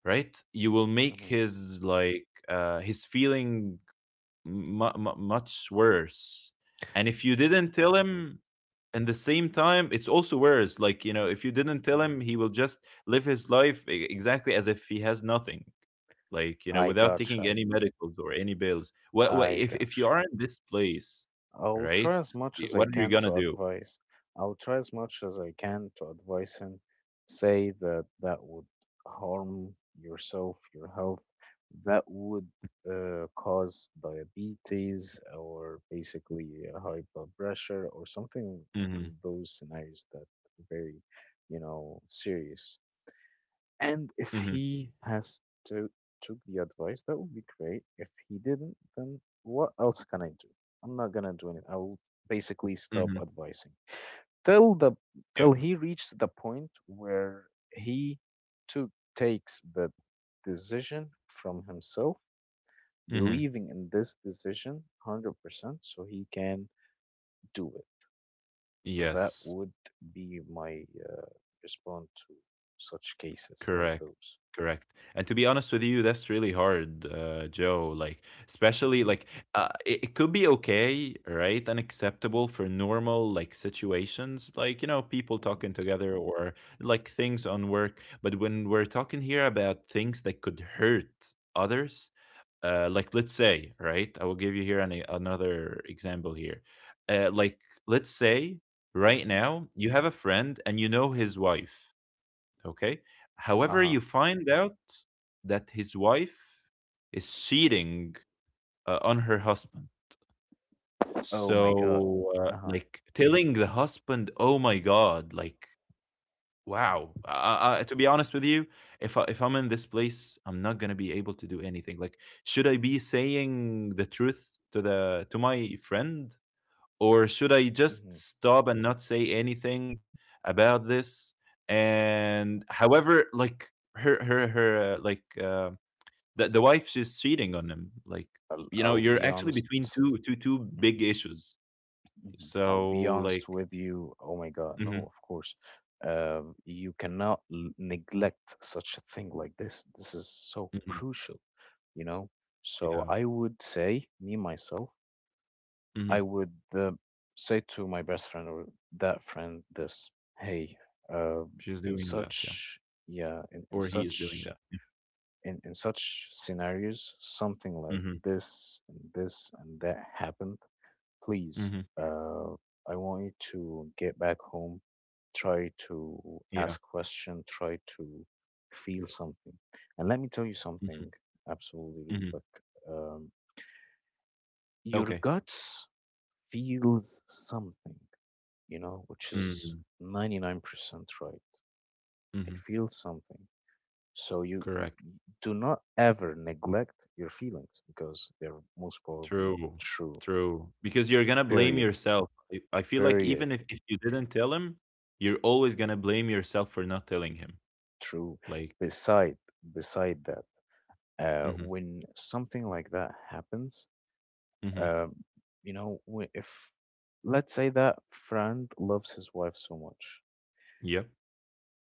A: right, you will make
B: mhm,
A: his, like, uh, his feeling mu mu much worse. And if you didn't tell
B: mhm,
A: him in the same time, it's also worse. Like, you know, if you didn't tell
B: mhm.
A: him, he will just live his life e- exactly as if he has nothing. Like, you know,
B: I
A: without taking
B: gotcha.
A: any medicals or any bills.
B: I,
A: What, what
B: I
A: if, if you
B: gotcha.
A: are in this place,
B: I'll
A: right?
B: try as much
A: y-
B: as I
A: What are you
B: can
A: gonna
B: to
A: do?
B: advise. I'll try as much as I can to advise him. Say that that would harm yourself, your health, that would uh, cause diabetes or basically uh, high blood pressure or something
A: Mm-hmm.
B: from those scenarios that are very, you know, serious. And if
A: Mm-hmm.
B: he has to took the advice, that would be great. If he didn't, then what else can I do? I'm not gonna do anything. I will basically stop
A: Mm-hmm.
B: advising till the till he reached the point where he took takes the decision from himself,
A: Yeah. Mm-hmm.
B: believing in this decision one hundred percent, so he can do it. That
A: Yes.
B: would be my uh, response to such cases like
A: Correct.
B: those.
A: Correct. And to be honest with you, that's really hard, uh, Joe. Like, especially
B: Hmm.
A: like uh, it, it could be okay, right, and acceptable for normal like situations, like you know, people talking together or like things on work. But when we're talking here about things that could hurt others, uh, like let's say, right, I will give you here an, another example here. Uh, like, let's say right
B: Mhm.
A: now you have a friend and you know his wife. Okay. However,
B: Uh-huh.
A: you find out that his wife is cheating uh, on her husband.
B: Oh my God.
A: So, uh,
B: Uh-huh.
A: like, telling the husband, "Oh my God!" Like, wow. I, I, to be honest with you, if I, if I'm in this place, I'm not gonna be able to do anything. Like, should I be saying the truth to the to my friend? Or should I just
B: Mhm.
A: stop and not say anything about this? And however, like her, her, her, uh, like uh, the the wife, she's cheating on him. Like
B: I'll,
A: you know,
B: I'll
A: you're
B: be
A: actually
B: honest.
A: between two, two, two
B: Mhm.
A: big issues.
B: Mhm. I'll
A: So
B: be
A: like,
B: honest with you. Oh my God, no,
A: mhm,
B: of course. Uh, you cannot l- neglect such a thing like this. This is so
A: mhm,
B: crucial, you know? So
A: yeah,
B: I would say, me myself, I
A: hmm,
B: would uh, say to my best friend or that friend this, hey, uh,
A: she's
B: in
A: doing that, yeah,
B: such yeah, in, in
A: or he is doing
B: such
A: that. Yeah.
B: in, in such scenarios, something like
A: Hmm.
B: this and this and that happened. Please,
A: Hmm.
B: uh, I want you to get back home, try to
A: Yeah.
B: ask question, try to feel something. And let me tell you
A: Hmm.
B: something absolutely real
A: Hmm.
B: quick. Um, your
A: Okay.
B: guts feels something, you know, which is
A: Hmm.
B: ninety-nine percent right.
A: Hmm.
B: I feel something. So you
A: Correct.
B: do not ever neglect your feelings because they're most probably
A: True,
B: true.
A: true. Because you're gonna blame
B: Period.
A: yourself. I I feel like
B: Period.
A: even if, if you didn't tell him, you're always gonna blame yourself for not telling him.
B: True.
A: Like,
B: Beside beside that, uh,
A: mm-hmm,
B: when something like that happens,
A: mm-hmm,
B: um, you know, wh- if let's say that friend loves his wife so much,
A: yep,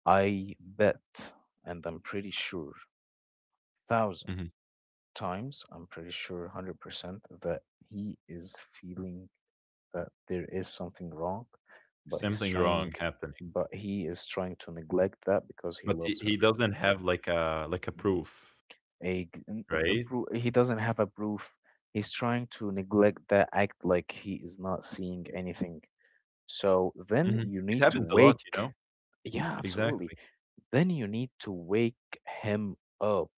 B: I bet, and I'm pretty sure, thousand
A: mm-hmm,
B: times. I'm pretty sure one hundred percent that he is feeling that there is something wrong, but he's
A: something
B: trying,
A: wrong happening.
B: but he is trying to neglect that because he
A: But he,
B: loves her.
A: he doesn't have like a like a
B: Hmm.
A: proof,
B: A, g- n- a, a
A: right?
B: pro- he doesn't have a proof. He's trying to neglect that, act like he is not seeing anything. So then
A: Hmm.
B: you
A: It
B: need to
A: happens a lot, you know.
B: wake. Yeah, absolutely.
A: Exactly.
B: Then you need to wake him up.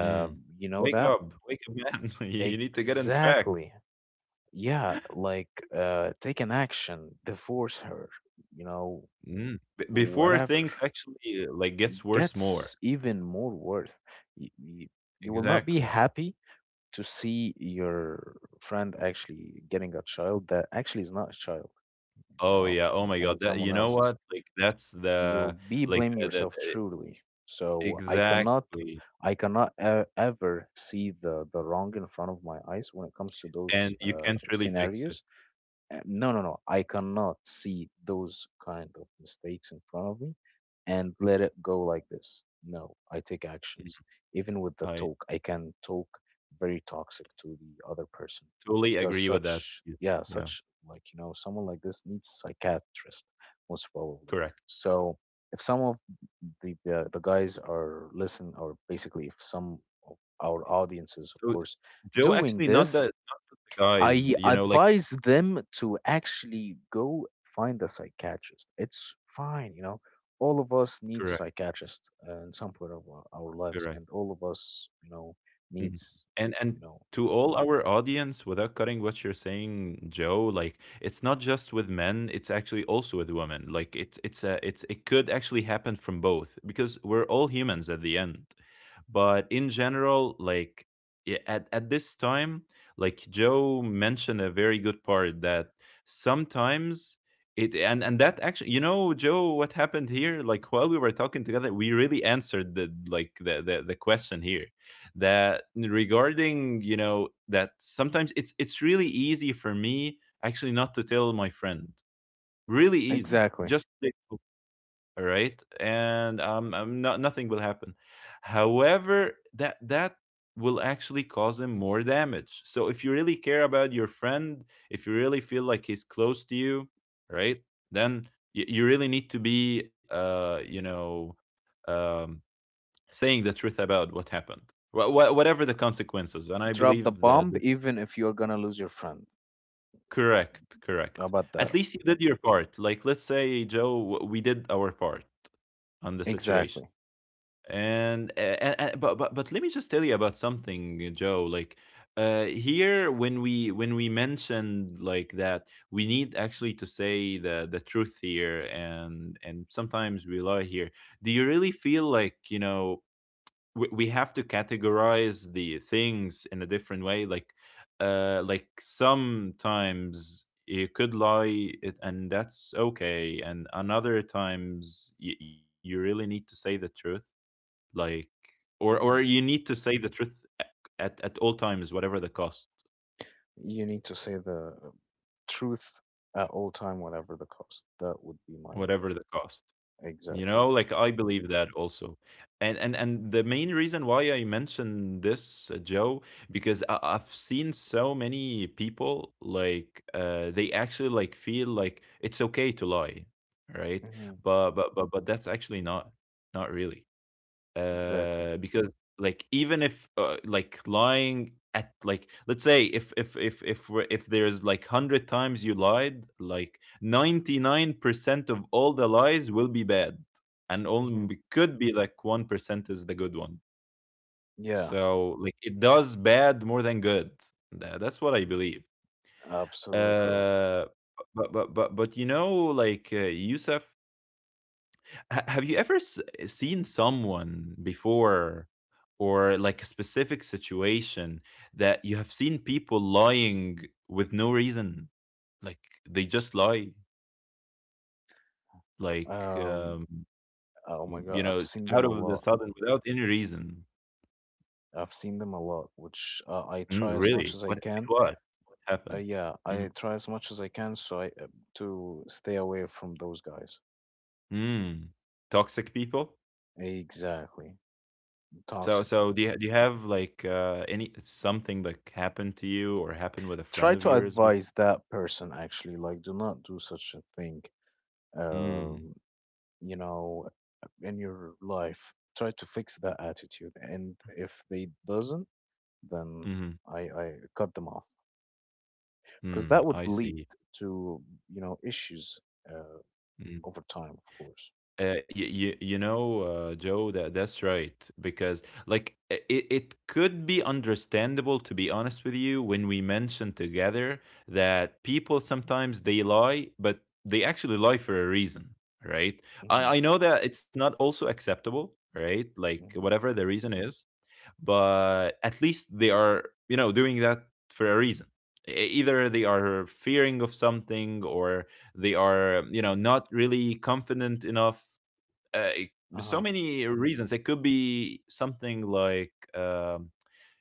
A: Mm.
B: you know
A: Wake
B: that?
A: up, wake up, man. [laughs] you you need to get on track.
B: Exactly. Yeah, like uh take an action, divorce her, you know,
A: Mm. B- before
B: whatever
A: things actually uh, like gets worse more.
B: gets even more worth. you, you, you will not be
A: Exactly.
B: happy to see your friend actually getting a child that actually is not a child, you
A: Oh,
B: know,
A: yeah. Oh my
B: and
A: god.
B: it's
A: That you
B: someone
A: know
B: else's.
A: what? Like, that's
B: You
A: the
B: will be
A: like,
B: blaming
A: the
B: yourself
A: the
B: truly.
A: the
B: so i cannot
A: exactly.
B: I cannot uh, ever see the the wrong in front of my eyes when it comes to
A: And
B: those
A: you
B: uh,
A: can't really fix it.
B: scenarios. Uh, no, no, no. I cannot see those kind of mistakes in front of me and let it go like this. No, I take
A: Mhm.
B: actions. Even with the
A: I
B: talk, I can talk very toxic to the other person
A: totally
B: because
A: agree with that.
B: such,
A: Yeah.
B: yeah,
A: Yeah.
B: such like, you know, someone like this needs psychiatrist most probably.
A: Correct.
B: So if some of the, the, the guys are listening, or basically if some of our audiences, of
A: So,
B: course,
A: Joe,
B: doing
A: actually not the
B: this,
A: not the
B: I
A: guys, you know, like
B: advise them to actually go find a psychiatrist. It's fine, you know. All of us need
A: correct,
B: psychiatrists uh, in some point of our our lives,
A: correct.
B: and all of us, you know,
A: Mhm.
B: needs,
A: And and
B: you know,
A: to all our audience, without cutting what you're saying, Joe, like it's not just with men; it's actually also with women. Like it's it's a it's it could actually happen from both because we're all humans at the end. But in general, like i- at at this time, like Joe mentioned a very good part that sometimes it, and and that actually, you know, Joe, what happened here, like while we were talking together, we really answered the, like the the, the question here, that regarding, you know, that sometimes it's it's really easy for me actually not to tell my friend, really easy,
B: exactly.
A: just say, "Oh, all right," and um, I'm not nothing will happen. However, that that will actually cause him more damage. So if you really care about your friend, if you really feel like he's close to you, right, then y- you really need to be, uh, you know, um, saying the truth about what happened, wha- wha- whatever the consequences. And I
B: Drop the
A: believe that
B: bomb,
A: the-
B: even if you're gonna lose your friend.
A: correct,
B: How
A: correct.
B: about that?
A: At least you did your part. Like, let's say, Joe, w- we did our part on the situation.
B: Exactly.
A: And, uh, and, and but, but but let me just tell you about something, uh, Joe. Like uh, here, when we when we mentioned like that, we need actually to say the the truth here, and and sometimes we lie here. Do you really feel like, you know, we we have to categorize the things in a different way, like uh, like sometimes you could lie it, and that's okay, and another times you, you really need to say the truth, like or or
B: Mhm.
A: you need to say the truth a- at at all times, whatever the cost,
B: You need to say the truth at all time, whatever the cost. That would be my
A: whatever the cost. You
B: exactly.
A: know, like I believe that also. And and and the main reason why I mentioned this, uh, Joe, because I, I've seen so many people, like uh, they actually like feel like it's okay to lie, right?
B: Hmm.
A: But but but but that's actually not not really,
B: Exactly.
A: uh, because like even if, uh, like lying at, like let's say, if if if if we're- if there's like a hundred times you lied, like ninety-nine percent of all the lies will be bad, and
B: Hmm.
A: only could be like one percent is the good one.
B: Yeah,
A: So like it does bad more than good. Tha- that's what I believe.
B: absolutely correct.
A: uh but but but but you know, like, uh, Yusuf, ha- have you ever s- eh, seen someone before, or like a specific situation that you have seen people lying with no reason, like they just lie, like,
B: Um,
A: um,
B: oh my God,
A: you
B: I've
A: know,
B: seen
A: out
B: them a
A: of the
B: lot.
A: sudden without any reason?
B: I've seen them a lot, which uh, I
A: Mm,
B: try as much
A: really,
B: as I
A: what it
B: can.
A: was, what
B: Uh,
A: happened?
B: yeah,
A: Mm-hmm.
B: I try as much as I can so I uh, to stay away from those guys.
A: Hmm. Mm. Toxic people.
B: Exactly,
A: so
B: toxic
A: so do
B: people.
A: you, do you have, like, uh, any— something like happened to you or happened with a friend
B: Try
A: of
B: to
A: yours before?
B: advise that person actually, like, do not do such a thing.
A: Mm.
B: Um, you know, in your life, try to fix that attitude, and if they doesn't, then
A: Mhm.
B: I I cut them off. Because
A: Mm,
B: that would
A: I
B: lead
A: see.
B: to, you know, issues uh,
A: Mm.
B: over time, of course.
A: Uh, you, you, you know, uh, Joe, that that's right. Because like, i- it, it could be understandable, to be honest with you, when we mentioned together that people sometimes they lie, but they actually lie for a reason, right?
B: Mm-hmm.
A: I, I know that it's not also acceptable, right? Like
B: Hmm.
A: whatever the reason is, but at least they are, you know, doing that for a reason. E- Either they are fearing of something, or they are, you know, not really confident enough, uh, e,
B: Uh
A: so
B: huh.
A: many reasons. It could be something like, um,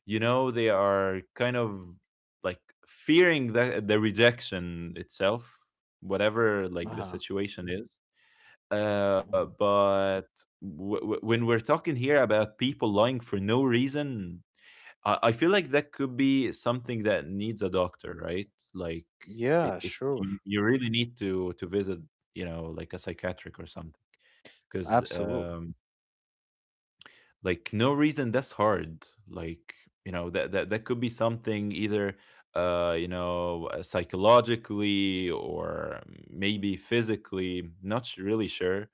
A: you know, they are kind of like fearing the, the rejection itself, whatever like
B: Uh
A: the
B: huh.
A: situation is. Uh
B: Hmm.
A: but w- w- when we're talking here about people lying for no reason, I I feel like that could be something that needs a doctor, right? Like it,
B: Yeah,
A: it
B: sure,
A: you, you really need to to visit, you know, like a psychiatric or something. Because,
B: absolutely.
A: um, like, no reason, that's hard. Like, you know, that that that could be something either, uh you know, uh, psychologically, or maybe physically. Not s- really sure,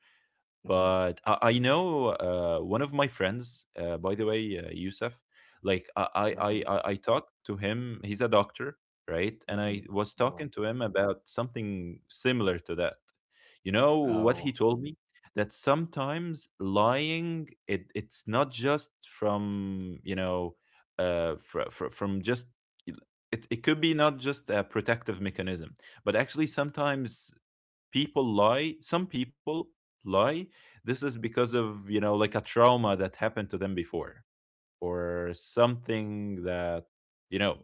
B: Mm-hmm.
A: but I, I know, uh, one of my friends, uh, by the way, uh, Yusuf. Like I, I, I,
B: Mm-hmm.
A: I I talked to him. He's a doctor, right? And
B: Mm-hmm.
A: I was
B: Well,
A: talking to him about something similar to that. You know what he
B: oh,
A: told me? That sometimes lying, it it's not just from, you know, uh, fr- fr- from just— it, it could be not just a protective mechanism, but actually sometimes people lie. Some people lie. This is because of, you know, like a trauma that happened to them before, or something that, you know,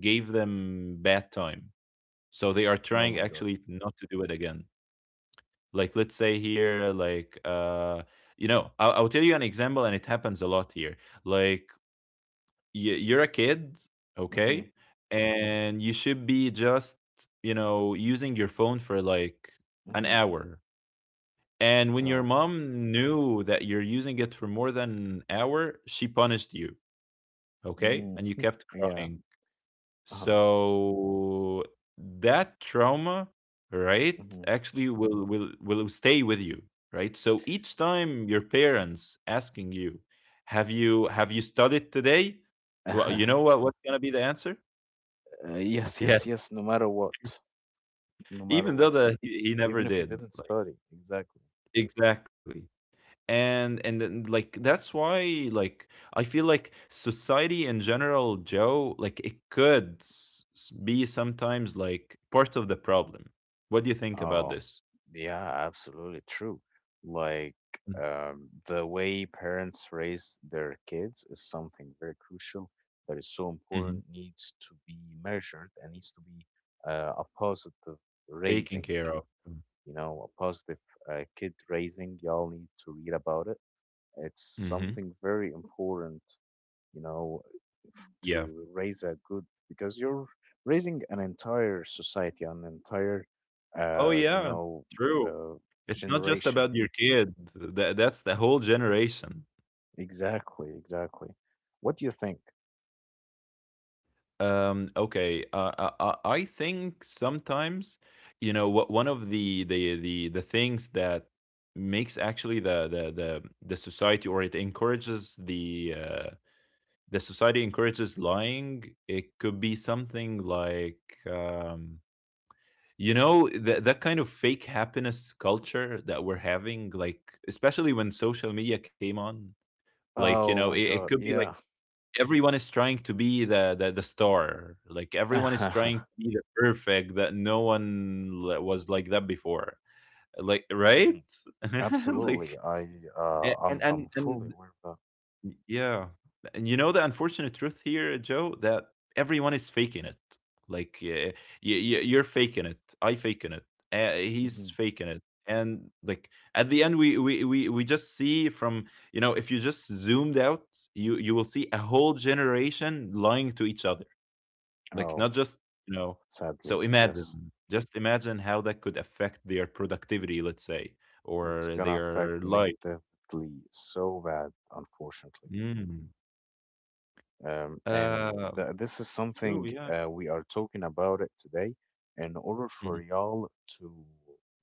A: gave them bad time. So they are
B: oh
A: trying
B: my God.
A: actually not to do it again. Like, let's say here, like, uh you know, I'll, I'll tell you an example, and it happens a lot here. Like, y- you're a kid,
B: Mm-hmm.
A: okay, and you should be just, you know, using your phone for like an
B: Mm-hmm.
A: hour, and when your
B: Oh,
A: mom knew that you're using it for more than an hour, she punished you, okay,
B: mm,
A: and you kept
B: yeah.
A: crying.
B: Uh huh.
A: So that trauma, right,
B: Mm-hmm.
A: actually will will will stay with you, right? So each time your parents asking you, "Have you have you studied today?" Well, you know
B: [laughs]
A: what what's gonna be the answer?
B: uh, yes, yes,
A: Yes.
B: yes. No matter what,
A: [laughs]
B: no matter
A: Even
B: what,
A: though that he, he never
B: even if you
A: did.
B: didn't
A: Like,
B: study, exactly.
A: exactly. and and then, like, that's why, like, I feel like society in general, Joe, like it could s- s- be sometimes like part of the problem. What do you think about
B: Oh,
A: this?
B: yeah, absolutely true. Like um, the way parents raise their kids is something very crucial that is so
A: Mm-hmm.
B: important, needs to be measured and needs to be uh, a positive
A: Taking
B: raising,
A: care of.
B: you know, a positive uh, kid raising. Y'all need to read about it. It's
A: Mm-hmm.
B: something very important, you know,
A: Yeah.
B: to raise a good because you're raising an entire society, an entire,
A: Oh
B: uh, you
A: yeah,
B: know,
A: true.
B: uh,
A: It's not just
B: generation.
A: about your kid. That that's the whole generation.
B: Exactly, exactly. What do you think?
A: Um, okay. Uh, I, I I think sometimes, you know, what one of the the the the things that makes actually the the the the society, or it encourages the, uh, the society encourages lying. It could be something like, um, you know, that that kind of fake happiness culture that we're having, like especially when social media came on. Like, you know,
B: Oh
A: it,
B: my
A: it could
B: God,
A: be like
B: yeah. [laughs]
A: everyone is trying to be the, the the star, like everyone is trying to be the perfect, that no one li- was like that before, like, right.
B: Mhm.
A: [laughs]
B: Absolutely.
A: Like,
B: I uh,
A: a- and
B: I'm
A: and
B: I'm fully
A: and
B: aware of that.
A: Y yeah. And you know the unfortunate truth here, Joe, that everyone is faking it. Like, uh, you you you're faking it, I faking it, uh, he's
B: Hmm.
A: faking it. And, like, at the end, we we we we just see from, you know, if you just zoomed out, you you will see a whole generation lying to each other. Like,
B: Oh,
A: not just, you know—
B: sadly,
A: so
B: yes.
A: imagine, just imagine how that could affect their productivity, let's say,
B: It's
A: or
B: gonna affect
A: their life.
B: negatively so bad, unfortunately.
A: Mm.
B: Um, and
A: Um,
B: th- this is
A: True,
B: something
A: yeah.
B: uh, we are talking about it today in order
A: Mhm.
B: for y'all to,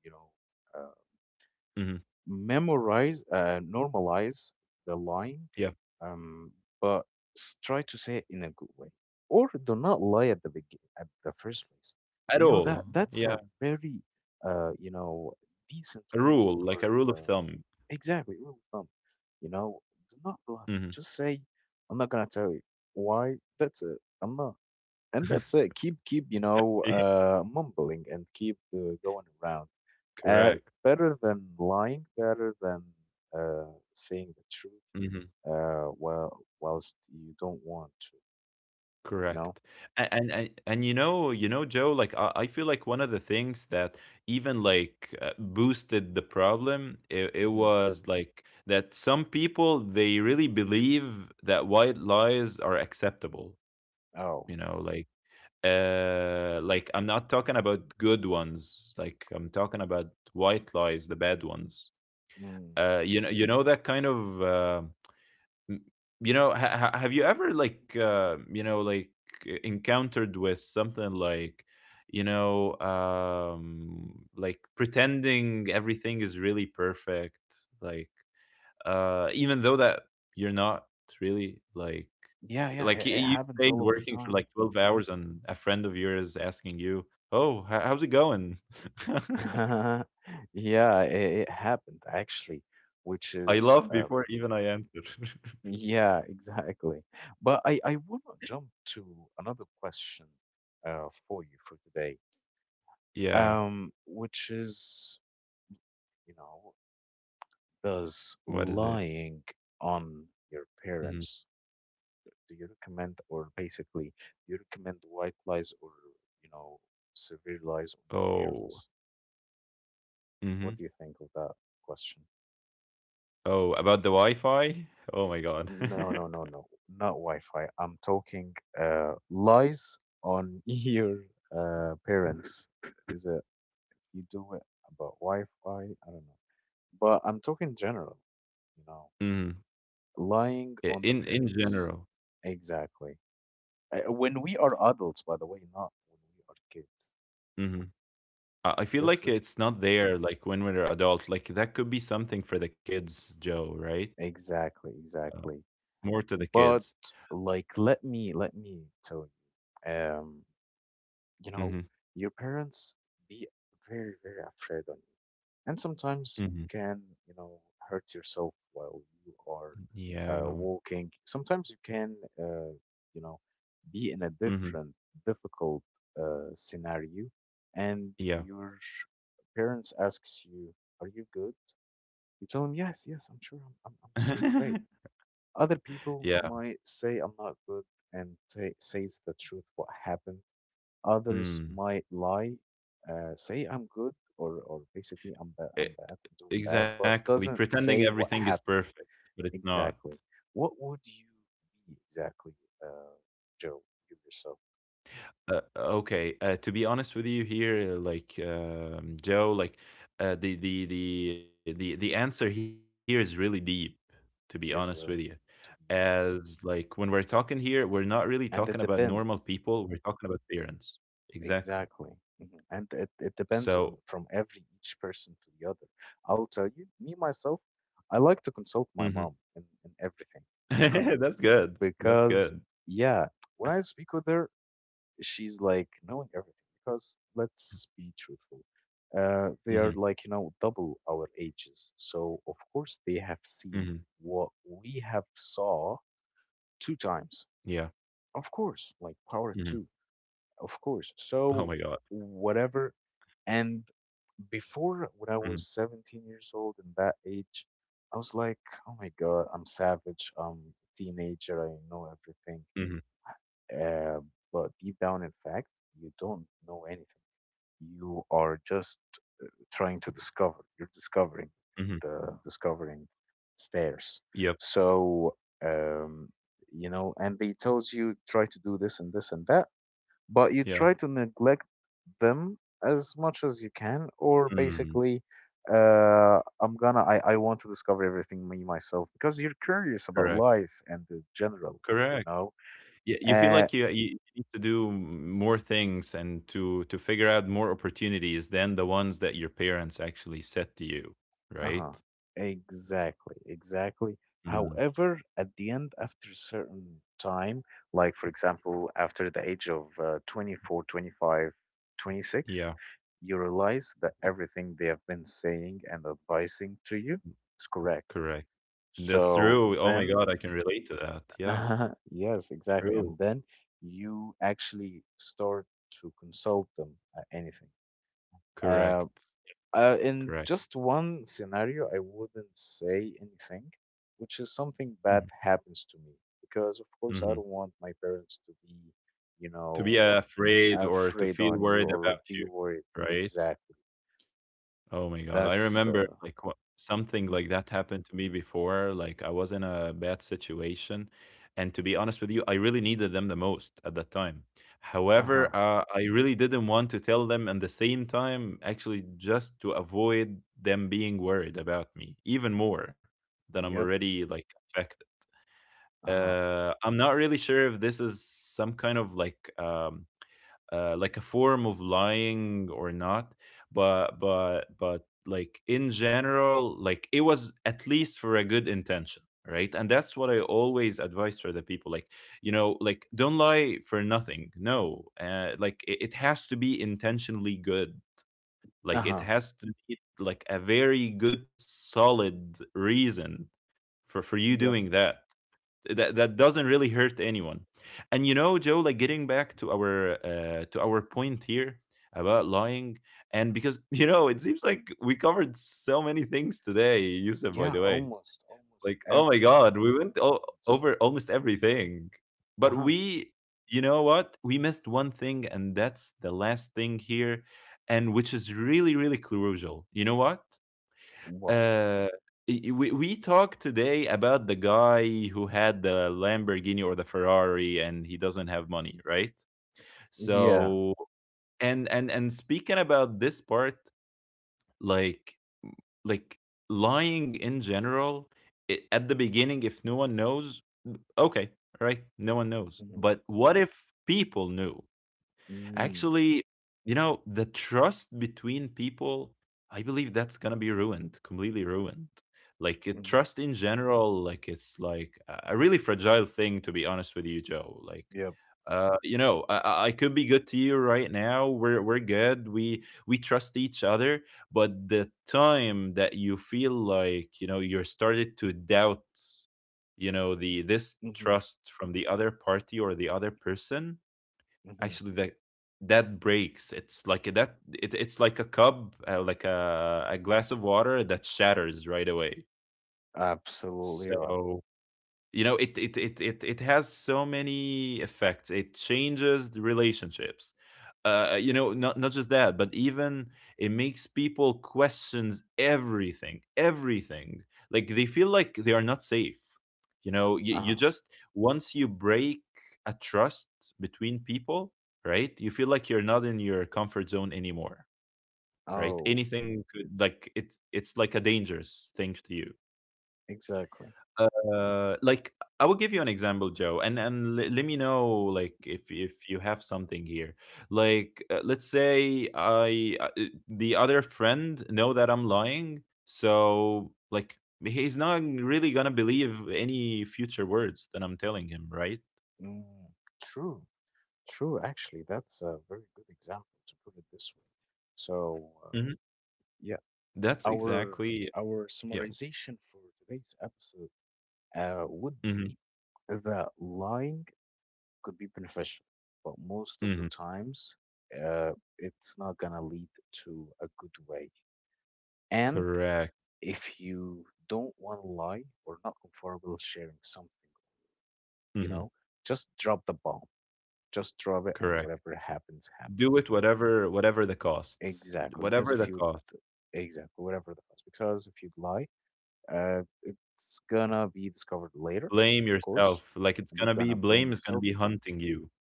B: you know, uh,
A: Mhm.
B: memorize, uh, normalize the lying,
A: Yeah.
B: um, but s- try to say it in a good way, or do not lie at the begin, at the first place.
A: At
B: You know
A: all.
B: that that's
A: Yeah.
B: a very, uh, you know, decent
A: A
B: way
A: rule, like a
B: for
A: rule of
B: the
A: thumb.
B: exactly rule of thumb. You know, do not lie.
A: Mhm.
B: Just say, I'm not gonna tell you why. That's it. I'm not, and that's
A: [laughs]
B: it. Keep keep, you know,
A: Yeah.
B: uh, mumbling and keep uh, going around, uh,
A: Correct.
B: better than lying, better than uh, saying the truth,
A: Mhm.
B: uh, while whilst you don't want to, you know?
A: Correct. And and and and you know you know, Joe, like I, I feel like one of the things that even, like, uh, boosted the problem, it, it
B: Hmm.
A: was like that some people they really believe that white lies are acceptable.
B: Oh,
A: You know, like, uh like I'm not talking about good ones. Like, I'm talking about white lies, the bad ones.
B: mm.
A: Uh, you know, you know, that kind of, uh, m- you know, ha- ha- have you ever, like, uh, you know, like e- encountered with something like, you know, um, like pretending everything is really perfect, like, uh, even though that you're not really, like,
B: Yeah, yeah.
A: like y-
B: It, it
A: you
B: happens
A: stayed
B: all of the
A: working for
B: time.
A: like 12 hours and a friend of yours asking you, "Oh, h- how's it going?" [laughs]
B: [laughs] Yeah, it, it happened actually, which
A: I
B: is,
A: love
B: um,
A: before even I answer.
B: yeah, [laughs] exactly. But I, I want to jump to another question uh, for you for today,
A: [laughs] Yeah.
B: um, which is, you know,
A: What is
B: does
A: it?
B: lying on your
A: Mhm.
B: parents, do you recommend, or basically, do you recommend white lies or, you know, severe lies on your
A: Oh.
B: parents?
A: Mhm.
B: What do you think of that question?
A: Oh, about the Wi-Fi? Oh my God.
B: No,
A: [laughs]
B: no, no, no, not Wi-Fi. I'm talking uh, lies on [laughs] your uh, parents. Is it you do it about Wi-Fi? I don't know. But I'm talking general, you know,
A: Mhm.
B: lying
A: I-
B: on the
A: In in
B: parents.
A: general.
B: Exactly. Uh, when we are adults, by the way, not when we are kids.
A: Mhm. I I feel
B: This
A: like
B: is
A: it's not there like when we're adult. Like that could be something for the kids, Joe, right?
B: exactly, exactly.
A: More to the
B: But
A: kids.
B: like, let me let me tell you, um, you know,
A: Mhm.
B: your parents be very, very afraid on you, and sometimes you
A: Mhm.
B: can, you know, hurt yourself while you are
A: Yeah.
B: uh, walking. Sometimes you can, uh, you know, be in a
A: Mhm.
B: different, difficult uh, scenario, and
A: Yeah.
B: your parents asks you, "Are you good?" You tell them, "Yes, yes, I'm sure. I'm I'm, I'm so great."
A: [laughs]
B: Other people
A: Yeah.
B: might say, "I'm not good," and say says the truth what happened. Others
A: Mm.
B: might lie, uh, say, "I'm good," or or basically, "I'm bad. I'm bad.
A: E-
B: I'm doing bad," but
A: Exactly.
B: doesn't
A: Pretending
B: say what
A: everything is
B: happened
A: perfect, but it's not.
B: exactly. What would you be exactly, uh, Joe? You yourself
A: Uh, okay. Uh, to be honest with you here, uh, like, um, Joe, like, uh, the, the the the the answer here is really deep. To be honest with you,
B: is really, to be
A: as
B: honest,
A: like when we're talking here, we're not really talking about
B: and it
A: normal
B: depends.
A: people. We're talking about parents. Exactly.
B: Exactly. Mhm. And it, it
A: So.
B: depends on from every each person to the other. I'll tell you, me myself, I like to consult
A: Mhm.
B: my mom in, in everything,
A: [laughs]
B: you know,
A: That's good.
B: [laughs]
A: That's good.
B: because yeah, when I speak with her, she's like knowing everything because let's be truthful. Uh, they are
A: Hmm.
B: like, you know, double our ages. So of course they have
A: Hmm.
B: seen what we have saw two times.
A: Yeah.
B: Of course, like
A: Hmm.
B: power two. Of course.
A: Oh my
B: So
A: God.
B: whatever. And before, when I
A: Hmm.
B: was seventeen years old in that age, I was like, oh my God, I'm savage. I'm a teenager. I know everything.
A: Hmm.
B: Uh, but deep down, in fact, you don't know anything. You are just uh, trying to discover. You're discovering
A: Hmm.
B: the discovering stairs.
A: Yep.
B: So, um, you know, and they tells you try to do this and this and that, but you
A: Yeah.
B: try to neglect them as much as you can, or
A: Mm.
B: basically uh i'm gonna i, I want to discover everything me myself because you're curious about
A: Correct.
B: life and the general, you
A: Correct.
B: know.
A: Yeah, you feel
B: Uh
A: like you you need to do m- more things and to to figure out more opportunities than the ones that your parents actually set to you,
B: uh-huh.
A: right?
B: Exactly exactly
A: Mm,
B: However, at the end, after a certain time, like for example after the age of uh, twenty-four, twenty-five, twenty-six,
A: yeah,
B: you realize that everything they have been saying and advising to you is
A: c-
B: correct.
A: correct. That's
B: So
A: true. Oh my
B: then
A: God, I can relate to that. Yeah,
B: uh-huh. Yes, exactly. And
A: true.
B: then you actually start to consult them at anything. Uh,
A: Correct.
B: uh, in
A: Correct.
B: just one scenario, I wouldn't say anything, which is something bad
A: Hmm.
B: happens to me because, of course, I don't
A: Hmm.
B: want my parents to be, you
A: To be
B: know,
A: afraid or to
B: afraid
A: feel
B: on you
A: worried
B: or
A: about
B: be
A: you,
B: worried.
A: right?
B: Exactly.
A: Oh my God. I
B: That's
A: remember,
B: uh,
A: like, what something like
B: mhm.
A: that happened to me before. Like, I was in a bad situation. And to be honest with you, I really needed them the most at that time.
B: Uh-huh.
A: However, uh, I really didn't want to tell them at the same time, actually, just to avoid them being worried about me even more than I'm
B: Yep.
A: already, like, affected.
B: Uh-huh.
A: Uh, I'm not really sure if this is some kind of, like, um, uh, like a form of lying or not, but but but like in general, like, it was at least for a good intention, right? And that's what I always advise for the people, like, you know, like, don't lie for nothing, no, uh, like, it, it has to be intentionally good. Like, it
B: Uh-huh.
A: has to be like a very good solid reason for for you
B: Yep.
A: doing that, that that doesn't really hurt anyone. And you know, Joe, like getting back to our, uh to our point here, about lying, and because— [laughs] you know, it seems like we covered so many things today, Yusuf, by
B: Yeah,
A: the way.
B: almost, almost
A: Like, oh my
B: everything,
A: God, we
B: all of
A: went
B: the
A: o-
B: points.
A: over almost everything, but
B: Uh-huh.
A: we, you know what, we missed one thing, and that's the last thing here, and which is really, really crucial. You know what,
B: Well,
A: uh, y- we we talked today about the guy who had the Lamborghini or the Ferrari and he doesn't have money, right?
B: yeah.
A: So, and and and speaking about this part, like, like lying in general, I— at the beginning, if no one knows, okay, right, no one knows.
B: Mhm.
A: But what if people knew?
B: Mm.
A: Actually, you know, the trust between people, I believe that's gonna be ruined, completely ruined. Like, uh,
B: Mhm.
A: trust in general, like it's like a a really fragile thing, to be honest with you, Joe. Like,
B: Yep.
A: uh, you know, I, I I could be good to you right now. We're we're good. We we trust each other. But the time that you feel like, you know, you're started to doubt, you know,
B: Mm.
A: the this
B: Mhm.
A: trust from the other party or the other person,
B: Mhm.
A: actually, that that breaks. It's like that. It, it's like a cup, uh, like a a glass of water that shatters right away.
B: Absolutely right.
A: So, you know, it it it it, it has so many effects. It changes the relationships, uh, you know, not, not just that, but even it makes people questions everything, everything, like they feel like they are not safe. You know, you, you
B: Uh-huh.
A: just once you break a trust between people, right? You feel like you're not in your comfort zone anymore, right?
B: Oh,
A: Anything could, like, it's it's like a dangerous thing to you.
B: exactly.
A: Uh, like I will give you an example, Joe, and and le- let me know, like, if if you have something here. Like, uh, let's say I uh, uh, the other friend know that I'm lying, so, like, he's not really gonna believe any future words that I'm telling him, right?
B: Mm. True. True. Actually, that's a very good example to put it this way. So, uh,
A: hmm
B: yeah,
A: That's
B: our
A: exactly,
B: our
A: yeah.
B: summarization for today's episode uh, would
A: hmm
B: be that lying could be beneficial, but most of the
A: hmm
B: times, uh, it's not gonna lead to a good way. And
A: Correct.
B: if you don't want to lie or not comfortable sharing something, you
A: hmm
B: know, just drop the bomb, just drop it, and
A: Correct.
B: whatever happens,
A: Do
B: happens.
A: it, whatever whatever the cost,
B: Exactly, because
A: whatever
B: if
A: the
B: you
A: cost.
B: Exactly, whatever that was. Because if you lie, uh, it's gonna be discovered later,
A: Blame
B: of course,
A: yourself, like, it's
B: and you're
A: gonna be,
B: gonna blame
A: blame is gonna
B: yourself.
A: be hunting you,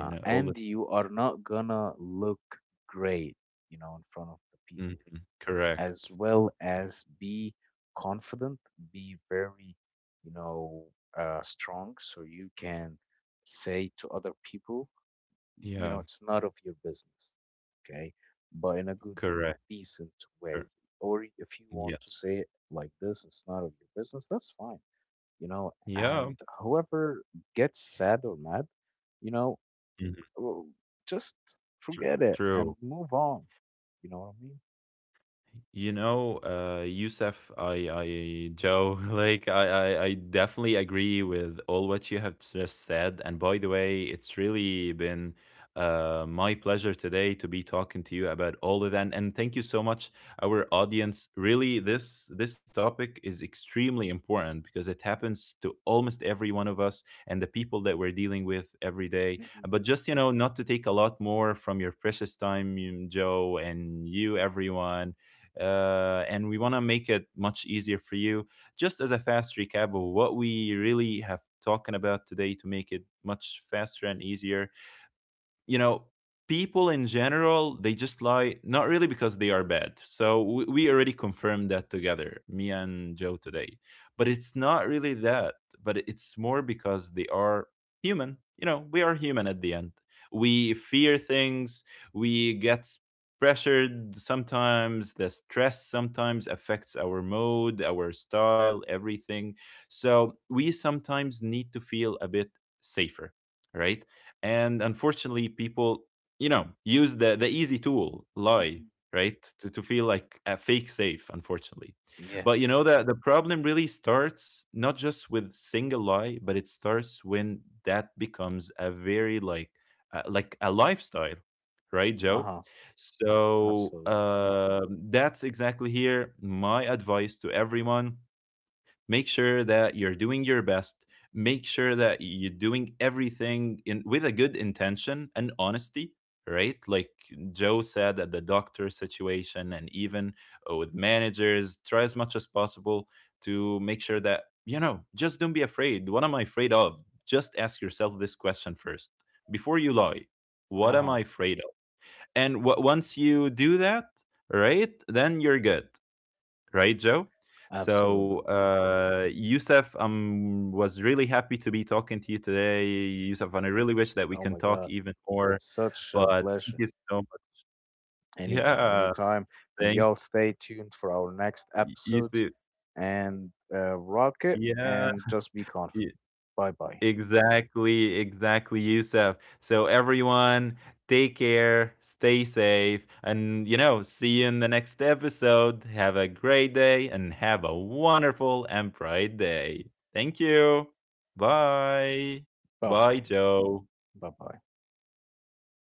A: you know, all the
B: And you are not gonna look great, you know, in front of the people,
A: Mhm,
B: as
A: correct.
B: well as be confident, be very, you know, uh, strong so you can say to other people, you
A: Yeah,
B: know, it's none of your business. Okay, but in a good,
A: correct,
B: decent way.
A: cor,
B: Or if you want to
A: yes.
B: say it like this, it's none of your business, that's fine, you know.
A: Yeah,
B: And whoever gets sad or mad, you know,
A: mhm,
B: well, just
A: tr,
B: forget it and
A: true.
B: move on. You know what I
A: You know, uh, Youssef, I, I, Joe, [laughs] like, I, I, I definitely agree with all what you have just said. And by the way, it's really been, uh, my pleasure today to be talking to you about all of that. And thank you so much, our audience. Really, this this topic is extremely important because it happens to almost every one of us and the people that we're dealing with every day.
B: mean?
A: But just, you know, not to take a lot more from your precious time, you- Joe, and you, everyone, uh, and we want to make it much easier for you. Just as a fast recap of what we really have talking about today, to make it much faster and easier, you know, people in general, they just lie not really because they are bad. So we, we already confirmed that together, me and Joe today. But it's not really that, but it's more because they are human. You know, we are human at the end. We fear things, we get pressured. Sometimes the stress sometimes affects our mode, our style, everything. So we sometimes need to feel a bit safer, right? And unfortunately, people, you know, use the the easy tool,
B: Mhm,
A: lie,
B: mhm.
A: right, to, to feel like a fake safe, unfortunately. But you know
B: Yes.
A: that the problem really starts not just with single lie, but it starts when that becomes a very, like, uh, like a lifestyle, right, Joe?
B: Uh-huh.
A: So,
B: Absolutely.
A: uh, that's exactly here my advice to everyone. Make sure that you're doing your best. Make sure that you're
B: Mm.
A: doing everything in with a good intention and honesty, right? Like Joe said at the doctor situation, and even, uh, with managers, try as much as possible to make sure that, you know, just don't be afraid. What am I afraid of? Just ask yourself this question first, before you lie. What am
B: Uh-huh.
A: I afraid of? And wh- once you do that, right, then you're good, right, Joe? So,
B: Absolutely.
A: uh, Yusuf, um, was really happy to be talking to you today, Youssef, and I really wish that we
B: Oh
A: can
B: my
A: talk
B: God.
A: even more.
B: It's such a
A: But thank
B: pleasure.
A: you so much.
B: Anytime,
A: Yeah,
B: anytime. And
A: thank
B: y'all stay tuned for our next
A: you
B: episodes
A: too.
B: and uh, rock it
A: Yeah.
B: and just be confident. Bye bye.
A: Exactly, exactly, Yusuf. So, everyone, take care, stay safe, and, you know, see you in the next episode. Have a great day and have a wonderful and bright day. Thank you. Bye.
B: Bye
A: Bye,
B: bye.
A: Joe.
B: Bye bye.